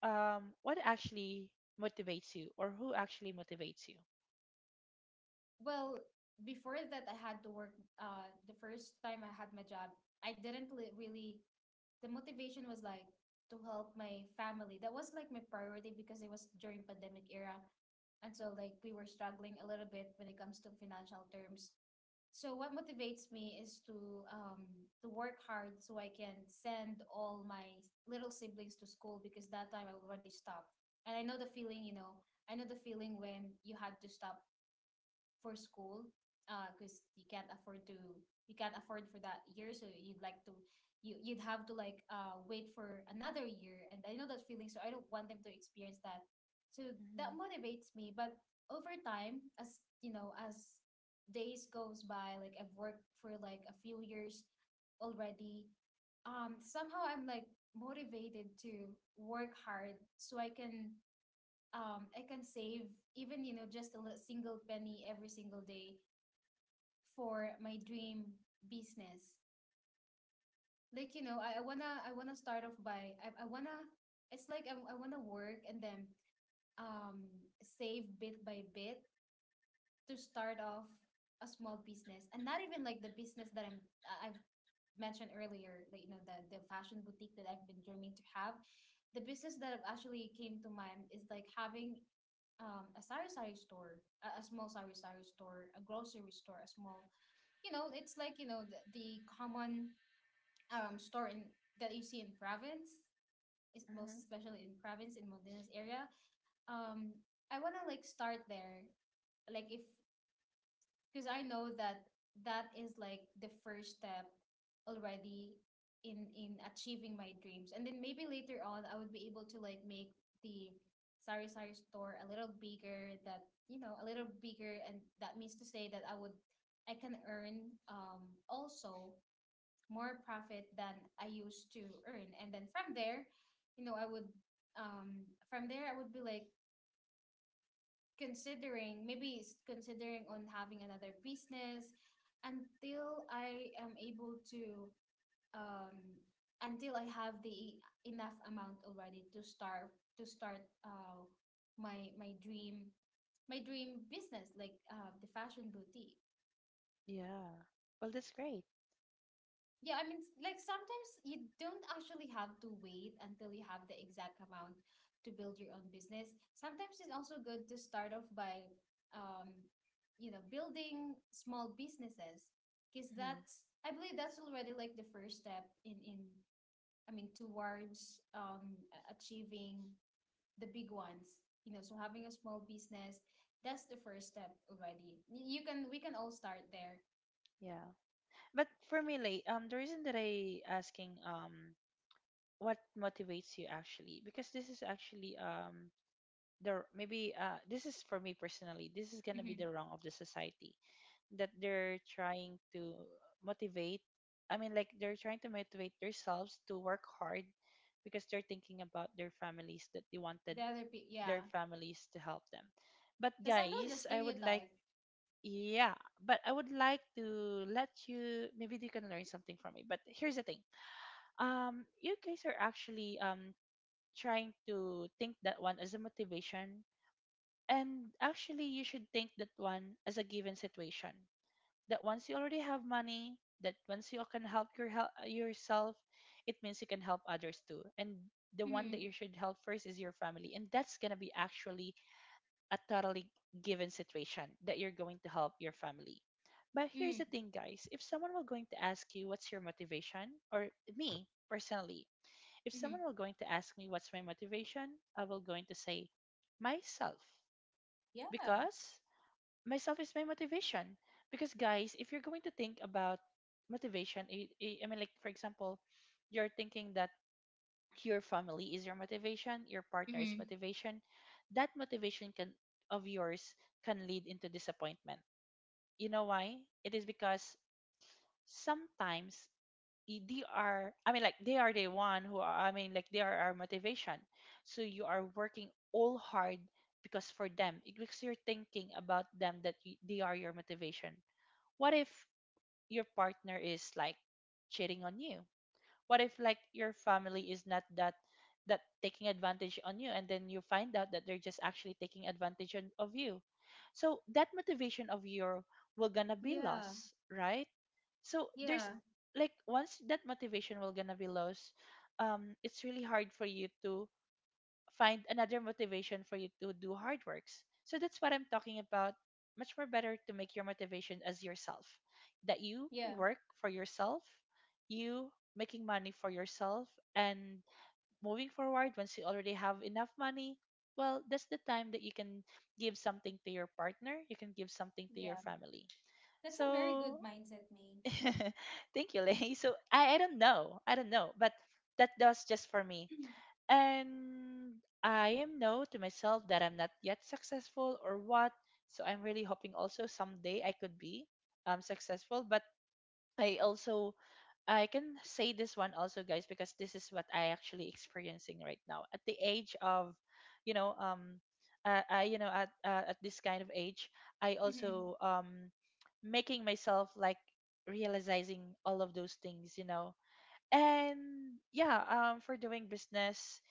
Speaker 2: what actually motivates you or who actually motivates you?
Speaker 1: Well, before that, I had to work, the first time I had my job, I didn't li- really, the motivation was like to help my family. That was like my priority, because it was during pandemic era. And so, like, we were struggling a little bit when it comes to financial terms. So what motivates me is to work hard so I can send all my little siblings to school, because that time I already stopped. And I know the feeling, I know the feeling when you had to stop for school, because you can't afford for that year, so you'd have to like, wait for another year. And I know that feeling, so I don't want them to experience that. So that
Speaker 2: Mm-hmm.
Speaker 1: motivates me, but over time, as you know, as days goes by, like I've worked for like a few years already. Somehow I'm like motivated to work hard, so I can save, even, just a little single penny every single day, for my dream business. Like, I wanna start off by, I wanna work, and then um save bit by bit to start off a small business, and not even like the business that I've mentioned earlier, like, the fashion boutique that I've been dreaming to have. The business that actually came to mind is like having a sari sari store, a small sari sari store, a grocery store, a small, you know, it's like, you know, the common store in that you see in province, is most
Speaker 2: Mm-hmm.
Speaker 1: especially in province in Modena's area. Um, I want to like start there. Like if because I know that that is like the first step already in achieving my dreams. And then maybe later on I would be able to like make the Sari Sari store a little bigger, that you know, a little bigger, and that means to say that I would I can earn also more profit than I used to earn. And then from there, you know, I would from there I would be like considering maybe considering on having another business until I am able to um until I have the enough amount already to start my dream my dream business like the fashion boutique.
Speaker 2: Yeah. Well, that's great.
Speaker 1: Yeah, I mean, like sometimes you don't actually have to wait until you have the exact amount to build your own business. Sometimes it's also good to start off by, um, you know, building small businesses because
Speaker 2: Hmm.
Speaker 1: that's, I believe that's already like the first step in, I mean, towards achieving the big ones. You know, so having a small business, that's the first step already. You can, we can all start there.
Speaker 2: Yeah. But for me, Lay, the reason that I asking what motivates you, actually because this is actually the maybe this is for me personally, this is gonna be
Speaker 1: Mm-hmm.
Speaker 2: the wrong of the society, that they're trying to motivate, they're trying to motivate themselves to work hard because they're thinking about their families, that they
Speaker 1: The
Speaker 2: wanted
Speaker 1: other,
Speaker 2: their
Speaker 1: yeah.
Speaker 2: families to help them. But
Speaker 1: That's actually the
Speaker 2: guys, I would like,
Speaker 1: stereotype.
Speaker 2: yeah, but I would like to let you, maybe you can learn something from me, but here's the thing, you guys are actually trying to think that one as a motivation. And actually, you should think that one as a given situation. That once you already have money, that once you can help yourself, it means you can help others too. And the one that
Speaker 1: Mm,
Speaker 2: you should help first is your family, and that's gonna be actually a totally given situation that you're going to help your family. But here's
Speaker 1: mm,
Speaker 2: the thing, guys. If someone were going to ask you what's your motivation, or me personally, if
Speaker 1: mm.
Speaker 2: someone were going to ask me what's my motivation, I will going to say myself,
Speaker 1: Yeah.
Speaker 2: because myself is my motivation. Because guys, if you're going to think about motivation, I mean, like, for example, you're thinking that your family is your motivation, your partner is
Speaker 1: Mm.
Speaker 2: motivation. That motivation can of yours can lead into disappointment. You know why? It is because sometimes they are the one who are, they are our motivation. So you are working all hard because for them, because you're thinking about them, that they are your motivation. What if your partner is like cheating on you? What if like your family is not that, that taking advantage on you, and then you find out that they're just actually taking advantage of you? So that motivation of your will gonna be
Speaker 1: Yeah,
Speaker 2: lost, right? So there's
Speaker 1: yeah,
Speaker 2: like, once that motivation will gonna be lost, it's really hard for you to find another motivation for you to do hard works. So that's what I'm talking about. Much more better to make your motivation as yourself. That you
Speaker 1: yeah,
Speaker 2: work for yourself, you making money for yourself, and moving forward, once you already have enough money, well, that's the time that you can give something to your partner, you can give something to your
Speaker 1: yeah.
Speaker 2: family.
Speaker 1: That's a very good
Speaker 2: So,
Speaker 1: mindset, Maine.
Speaker 2: thank you, Lay. So, I don't know. I don't know. But that was just for me, and I am know to myself that I'm not yet successful or what. So I'm really hoping also someday I could be successful. But I also, I can say this one also, guys, because this is what I actually experiencing right now at the age of, you know, I you know at this kind of age, I
Speaker 1: Mm-hmm.
Speaker 2: also making myself like realizing all of those things, you know. And yeah, for doing business,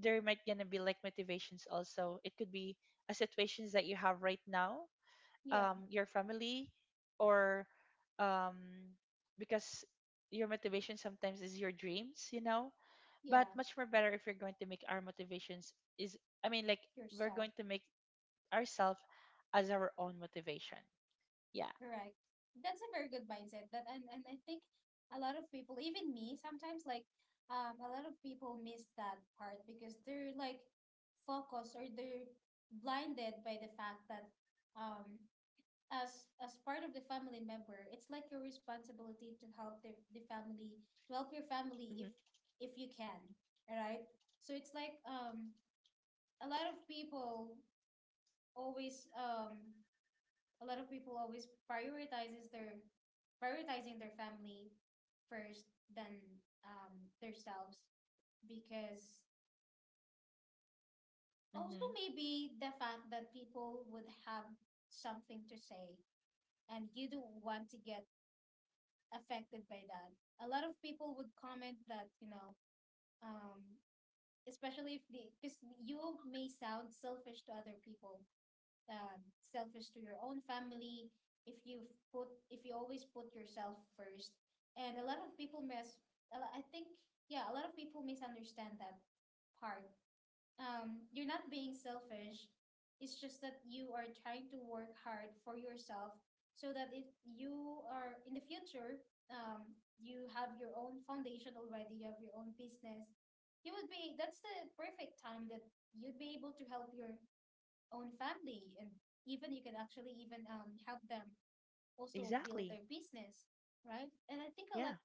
Speaker 2: there might gonna be like motivations also. It could be a situations that you have right now,
Speaker 1: Yeah,
Speaker 2: your family, or um, because your motivation sometimes is your dreams, you know. But
Speaker 1: yeah,
Speaker 2: much more better if you're going to make our motivations is, I mean, like we're
Speaker 1: yourself.
Speaker 2: going to make ourselves as our own motivation. Yeah.
Speaker 1: Correct. That's a very good mindset. That And I think a lot of people, even me, sometimes like a lot of people miss that part because they're like focused or they're blinded by the fact that um as part of the family member it's like your responsibility to
Speaker 2: Mm-hmm.
Speaker 1: help the family to help your family if you can, right? So it's like a lot of people always a lot of people always prioritizes their prioritizing their family first than um themselves because also
Speaker 2: Mm-hmm.
Speaker 1: maybe the fact that people would have something to say and you don't want to get affected by that. A lot of people would comment that, you know, um, especially if the, because you may sound selfish to other people, selfish to your own family, if you put, if you always put yourself first. And a lot of people miss, a I think, yeah, a lot of people misunderstand that part. You're not being selfish. It's just that you are trying to work hard for yourself so that if you are in the future, you have your own foundation already, you have your own business, you would be, that's the perfect time that you'd be able to help your own family. And even you can actually even help them also build
Speaker 2: Exactly.
Speaker 1: their business, right? And I think a
Speaker 2: Yeah.
Speaker 1: lot,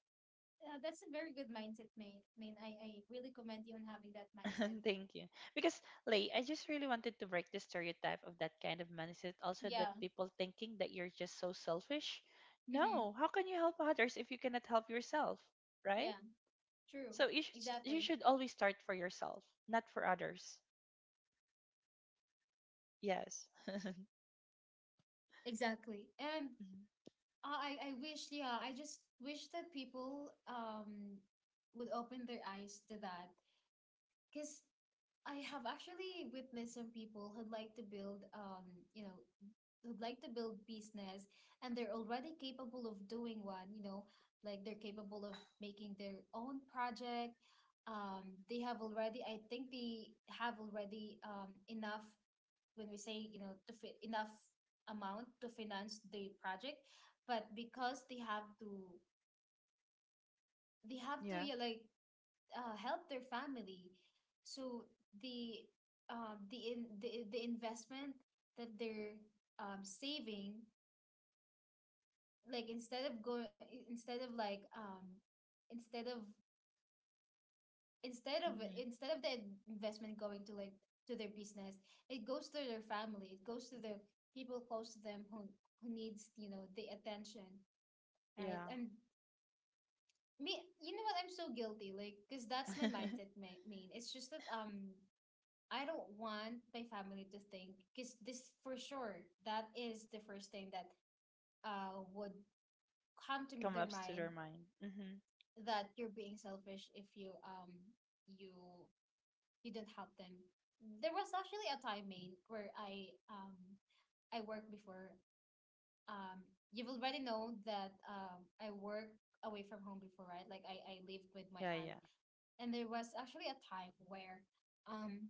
Speaker 1: that's a very good mindset, Maine. Maine, I really commend you on having that mindset.
Speaker 2: Thank you. Because, Lay, I just really wanted to break the stereotype of that kind of mindset. Also, that
Speaker 1: Yeah.
Speaker 2: people thinking that you're just so selfish.
Speaker 1: Mm-hmm.
Speaker 2: No, how can you help others if you cannot help yourself, right?
Speaker 1: Yeah. True.
Speaker 2: So you
Speaker 1: Exactly.
Speaker 2: should always start for yourself, not for others. Yes.
Speaker 1: Exactly. And
Speaker 2: Hmm.
Speaker 1: I wish, yeah, I just wish that people would open their eyes to that. Because I have actually witnessed some people who'd like to build you know, who'd like to build business, and they're already capable of doing one, you know, like they're capable of making their own project. They have already, I think they have already enough, when we say, you know, to fit enough amount to finance the project, but because they have to they have to,
Speaker 2: Yeah.
Speaker 1: yeah, like help their family. So the the investment that they're saving, like instead of going, instead of like instead of instead of
Speaker 2: Hmm.
Speaker 1: instead of the investment going to like to their business, it goes to their family, it goes to the people close to them who needs, you know, the attention, right?
Speaker 2: Yeah.
Speaker 1: And me, you know what, I'm so guilty, like because that's my mindset, Main. It's just that I don't want my family to think, because this for sure that is the first thing that would come to
Speaker 2: Come
Speaker 1: their
Speaker 2: up to their
Speaker 1: mind
Speaker 2: mind. Hmm.
Speaker 1: that you're being selfish if you you you didn't help them. There was actually a time, Maine, where I worked before. Um, you've already know that I work away from home before, right? Like I lived with my
Speaker 2: Yeah.
Speaker 1: aunt,
Speaker 2: Yeah.
Speaker 1: and there was actually a time where um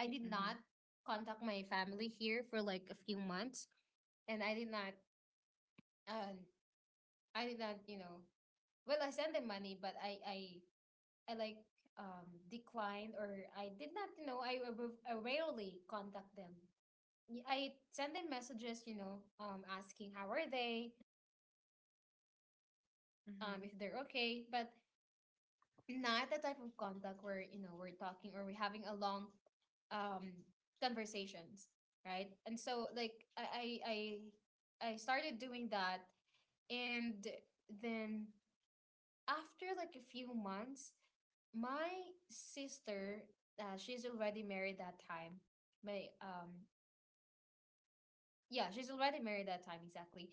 Speaker 1: I did not
Speaker 2: Mm-hmm.
Speaker 1: contact my family here for like a few months, and I did not um I did not, you know, well I sent them money, but I like declined, or I did not, you know, I rarely contact them. I send them messages, you know, asking how are they,
Speaker 2: Mm-hmm.
Speaker 1: if they're okay, but not the type of contact where, you know, we're talking or we're having a long um conversations, right? And so like I started doing that and then after like a few months, my sister, she's already married that time. My yeah, she's already married that time, exactly,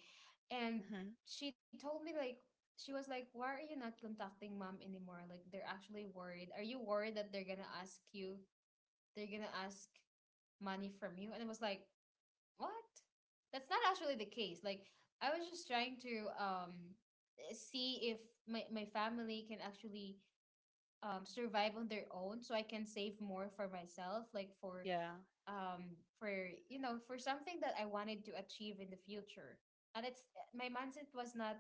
Speaker 1: and
Speaker 2: Mm-hmm.
Speaker 1: she told me like, she was like, why are you not contacting mom anymore, like they're actually worried. Are you worried that they're gonna ask you, they're gonna ask money from you? And it was like, what? That's not actually the case. Like I was just trying to see if my, my family can actually survive on their own, so I can save more for myself, like
Speaker 2: Yeah.
Speaker 1: for you know, for something that I wanted to achieve in the future. And it's my mindset was not,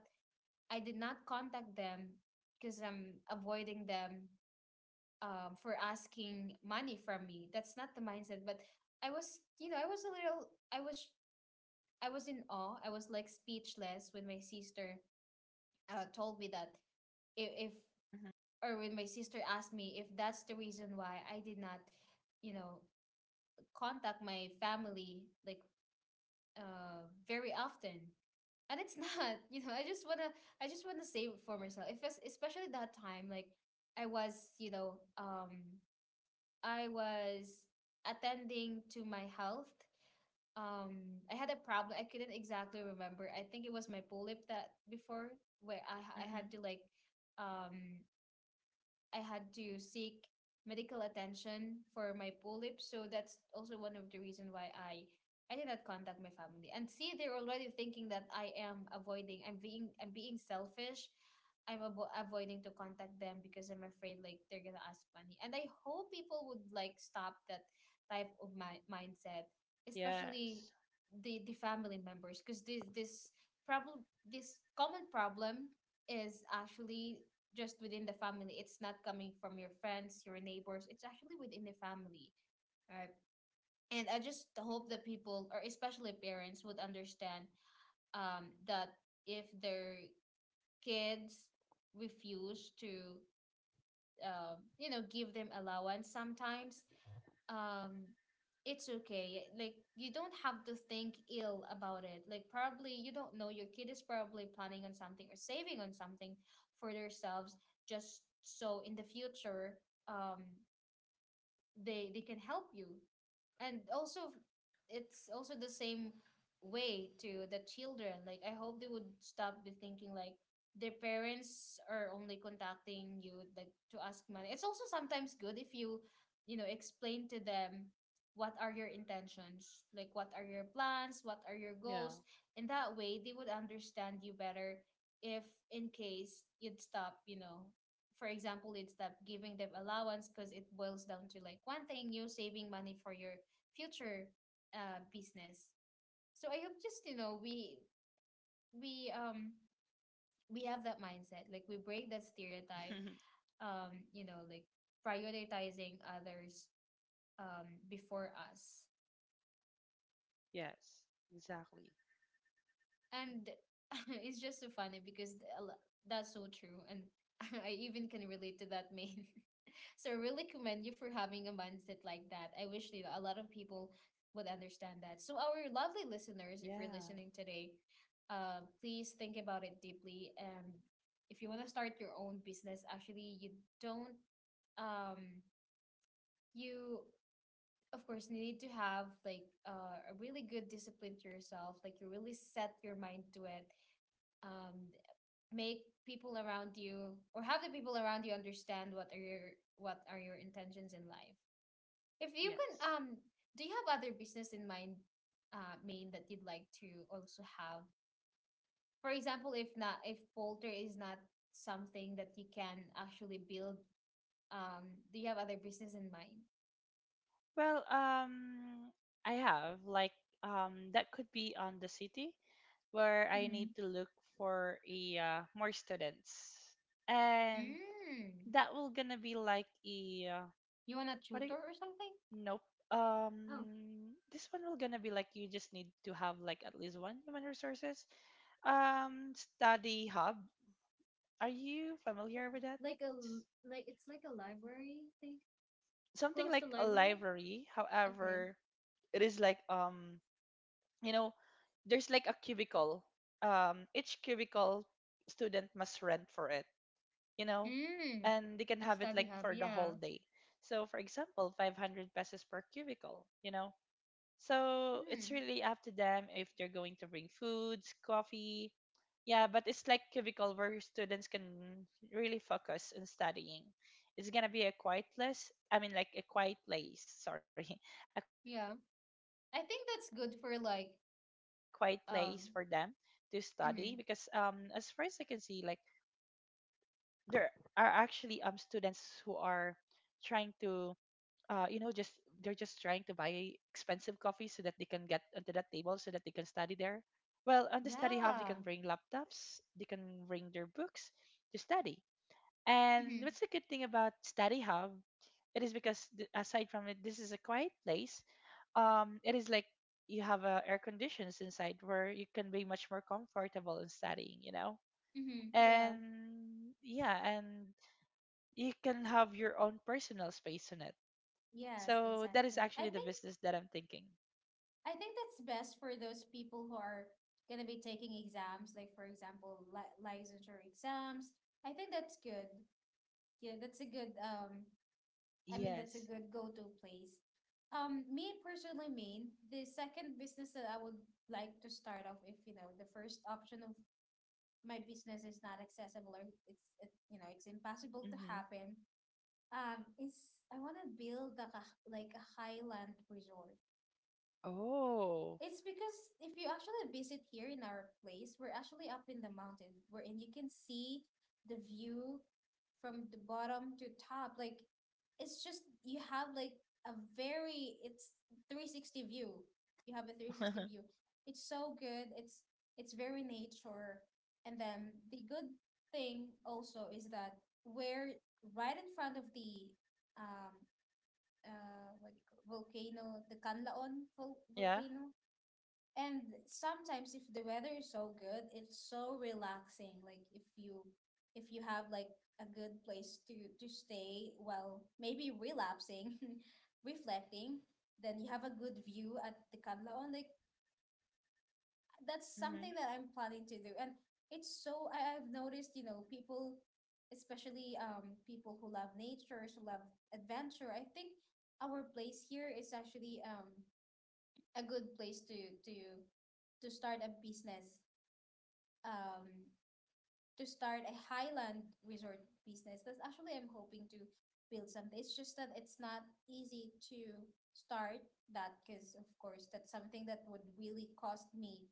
Speaker 1: I did not contact them because I'm avoiding them for asking money from me. That's not the mindset, but I was, you know, I was a little I was in awe. I was like speechless when my sister told me that if
Speaker 2: Mm-hmm.
Speaker 1: or when my sister asked me if that's the reason why I did not, you know, contact my family, like very often. And it's not you know, I just want to save it for myself, if it's, especially that time like I was, you know, I was attending to my health. I had a problem, I couldn't exactly remember, I think it was my polyp that before where I
Speaker 2: Mm-hmm.
Speaker 1: had to like um I had to seek medical attention for my polyp. So that's also one of the reasons why I did not contact my family. And see, they're already thinking that I am avoiding. I'm being selfish. Avoiding to contact them because I'm afraid like they're gonna ask money. And I hope people would like stop that type of mindset, especially
Speaker 2: Yes.
Speaker 1: the family members, because this common problem is actually just within the family. It's not coming from your friends, your neighbors. It's actually within the family. Right. And I just hope that people, or especially parents, would understand that if their kids refuse to, you know, give them allowance sometimes, um it's okay, like you don't have to think ill about it, like probably you don't know, your kid is probably planning on something or saving on something for themselves, just so in the future um they can help you. And also it's also the same way to the children, like I hope they would stop be thinking like their parents are only contacting you like to ask money. It's also sometimes good if you you know explain to them what are your intentions, like what are your plans, what are your
Speaker 2: Yeah.
Speaker 1: goals, in that way they would understand you better if in case you'd stop, you know, for example, you'd stop giving them allowance, because it boils down to like one thing, you saving money for your future business. So I hope, just you know we we have that mindset, like we break that stereotype, um you know like prioritizing others, before us.
Speaker 2: Yes. Exactly.
Speaker 1: And it's just so funny because that's so true. And I even can relate to that, Main. So I really commend you for having a mindset like that. I wish you, a lot of people would understand that. So our lovely listeners, if you're
Speaker 2: Yeah.
Speaker 1: listening today, please think about it deeply. And if you want to start your own business, actually you don't um you of course you need to have like a really good discipline to yourself, like you really set your mind to it. um, Make people around you, or have the people around you understand what are your intentions in life. If you can,
Speaker 2: Yes.
Speaker 1: do you have other business in mind, Main, that you'd like to also have? For example, if not, if Polter is not something that you can actually build, do you have other business in mind?
Speaker 2: Well, I have like that could be on the city where I
Speaker 1: Mm-hmm.
Speaker 2: need to look for a more students, and
Speaker 1: Mm.
Speaker 2: that will gonna be like a
Speaker 1: You want a
Speaker 2: what?
Speaker 1: tutor or something?
Speaker 2: Nope.
Speaker 1: Oh,
Speaker 2: This one will gonna be like, you just need to have like at least one human resources study hub. Are you familiar with that?
Speaker 1: like a,
Speaker 2: S-
Speaker 1: like it's like a library thing,
Speaker 2: Something
Speaker 1: close to
Speaker 2: like a
Speaker 1: library.
Speaker 2: library,
Speaker 1: Okay.
Speaker 2: however, it is like you know, there's like a cubicle, each cubicle student must rent for it, you know,
Speaker 1: Mm,
Speaker 2: and they can
Speaker 1: a
Speaker 2: have it
Speaker 1: study
Speaker 2: like
Speaker 1: hub,
Speaker 2: for the whole
Speaker 1: yeah.
Speaker 2: day. So for example, 500 pesos per cubicle, you know. So it's
Speaker 1: Mm,
Speaker 2: really up to them if they're going to bring foods, coffee. Yeah, but it's like cubicle where students can really focus on studying. It's gonna be a quiet place. I mean, like a quiet place. Sorry, a quiet
Speaker 1: yeah.
Speaker 2: place for them
Speaker 1: I
Speaker 2: to
Speaker 1: think that's good
Speaker 2: study
Speaker 1: for
Speaker 2: because
Speaker 1: like
Speaker 2: as far as I can see,
Speaker 1: um
Speaker 2: like,
Speaker 1: mm,
Speaker 2: there are actually students who are trying to you know, just they're just trying to buy expensive coffee so that they can get onto that table so that they can study there. Well, on the study hub, they can
Speaker 1: yeah.
Speaker 2: bring laptops, they can bring their books to study. And
Speaker 1: Mm,
Speaker 2: what's the good thing about study hub? It is because aside from it, this is a quiet place. It is like, you have air conditions inside where you can be much more comfortable in studying, you know.
Speaker 1: Yeah.
Speaker 2: And yeah, and you can have your own personal space in it.
Speaker 1: Yes,
Speaker 2: So that is
Speaker 1: exactly.
Speaker 2: actually the business that I'm thinking.
Speaker 1: I think that's best for those people who are gonna be taking exams, like for example, li licensure exams. I think that's good. Yeah, that's a good I mean, that's a
Speaker 2: Yes.
Speaker 1: good go-to place. Me personally, mean the second business that I would like to start off, if you know the first option of my business is not accessible, or you know, it's impossible to
Speaker 2: Mm-hmm.
Speaker 1: happen, is I want to build like like a highland resort.
Speaker 2: Oh.
Speaker 1: It's because if you actually visit here in our place, we're actually up in the mountain, wherein you can see the view from the bottom to top. Like, it's just you have like a very it's 360 view. You have a 360 view. It's so good. It's very nature. And then the good thing also is that we're right in front of the um what do you call volcano, the
Speaker 2: Yeah.
Speaker 1: volcano. And sometimes if the weather is so good, it's so relaxing. Like if you have like a good place to stay while maybe relapsing, reflecting, then you have a good view at the Canlaon. Like that's
Speaker 2: Mm-hmm.
Speaker 1: something that I'm planning to do. And it's so I've noticed, you know, people, especially people who love nature, who love adventure, I think our place here is actually a good place to to start a business, um, to start a highland resort business. That's actually I'm hoping to build something. It's just that it's not easy to start that, because of course that's something that would really cost me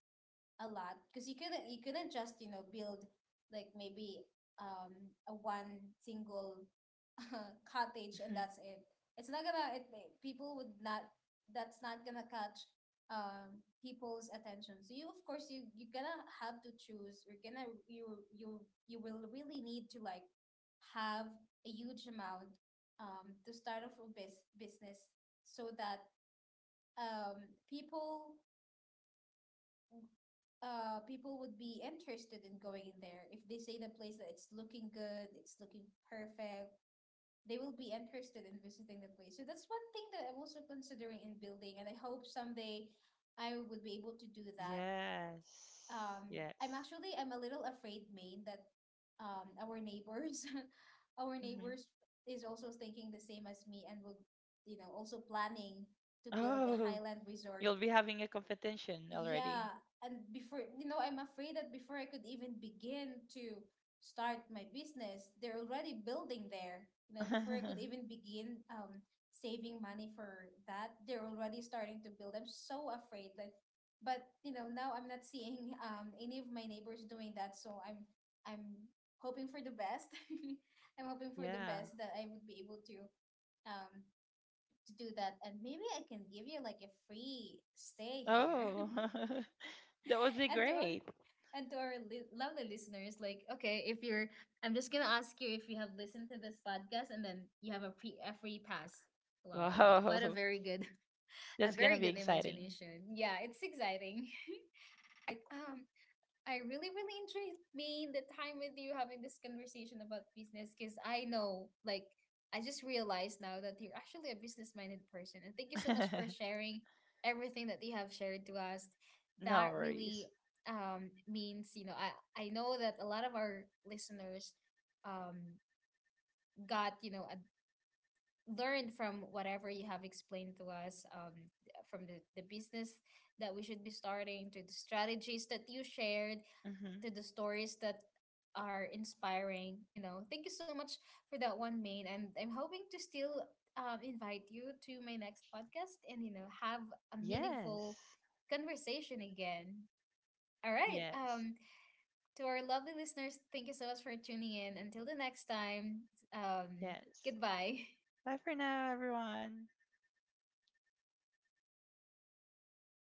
Speaker 1: a lot. Because you couldn't just, you know, build like maybe um a one single cottage and
Speaker 2: Hmm.
Speaker 1: that's it. It's not gonna it, it- people would not, that's not gonna catch people's attention. So you of course you're gonna have to choose, you're gonna you you you will really need to like have a huge amount to start off a business, so that um people, people would be interested in going in there. If they say the place that it's looking good, it's looking perfect, they will be interested in visiting the place. So that's one thing that I'm also considering in building, and I hope someday I would be able to do that.
Speaker 2: Yes.
Speaker 1: I'm
Speaker 2: Yes.
Speaker 1: actually I'm a little afraid, Maine, that our neighbors our
Speaker 2: Mm-hmm.
Speaker 1: neighbors is also thinking the same as me and will, you know, also planning to build a
Speaker 2: Oh,
Speaker 1: highland resort.
Speaker 2: you'll be having a competition already.
Speaker 1: Yeah, and before, you know, I'm afraid that before I could even begin to start my business, they're already building there. You know, before I could even begin saving money for that, they're already starting to build. I'm so afraid that, but you know, now I'm not seeing any of my neighbors doing that, so I'm hoping for the best. I'm hoping for the
Speaker 2: Yeah.
Speaker 1: best that I would be able um to do that, and maybe I can give you like a free stay here.
Speaker 2: Oh, that would be
Speaker 1: And to our,
Speaker 2: great.
Speaker 1: and to our lovely listeners, like, okay, if you're, I'm just gonna ask you if you have listened to this podcast, and then you have a pre a free pass. Wow, what a
Speaker 2: Wow.
Speaker 1: very good a
Speaker 2: That's gonna
Speaker 1: very
Speaker 2: be
Speaker 1: good
Speaker 2: exciting.
Speaker 1: imagination. Yeah, it's exciting. I um I really enjoyed being the time with you, having this conversation about business, because I know, like, I just realized now that you're actually a business minded person, and thank you so much for sharing everything that you have shared to us.
Speaker 2: No
Speaker 1: That really
Speaker 2: worries.
Speaker 1: means, you know, I know that a lot of our listeners um got, you know, learned from whatever you have explained to us, from the business that we should be starting, to the strategies that you shared,
Speaker 2: Mm-hmm.
Speaker 1: to the stories that are inspiring. You know, thank you so much for that one, Main. And I'm hoping to still invite you to my next podcast and, you know, have a meaningful
Speaker 2: Yes.
Speaker 1: conversation again. All right.
Speaker 2: Yes.
Speaker 1: To our lovely listeners, thank you so much for tuning in. Until the next time, um,
Speaker 2: Yes.
Speaker 1: goodbye.
Speaker 2: Bye for now, everyone.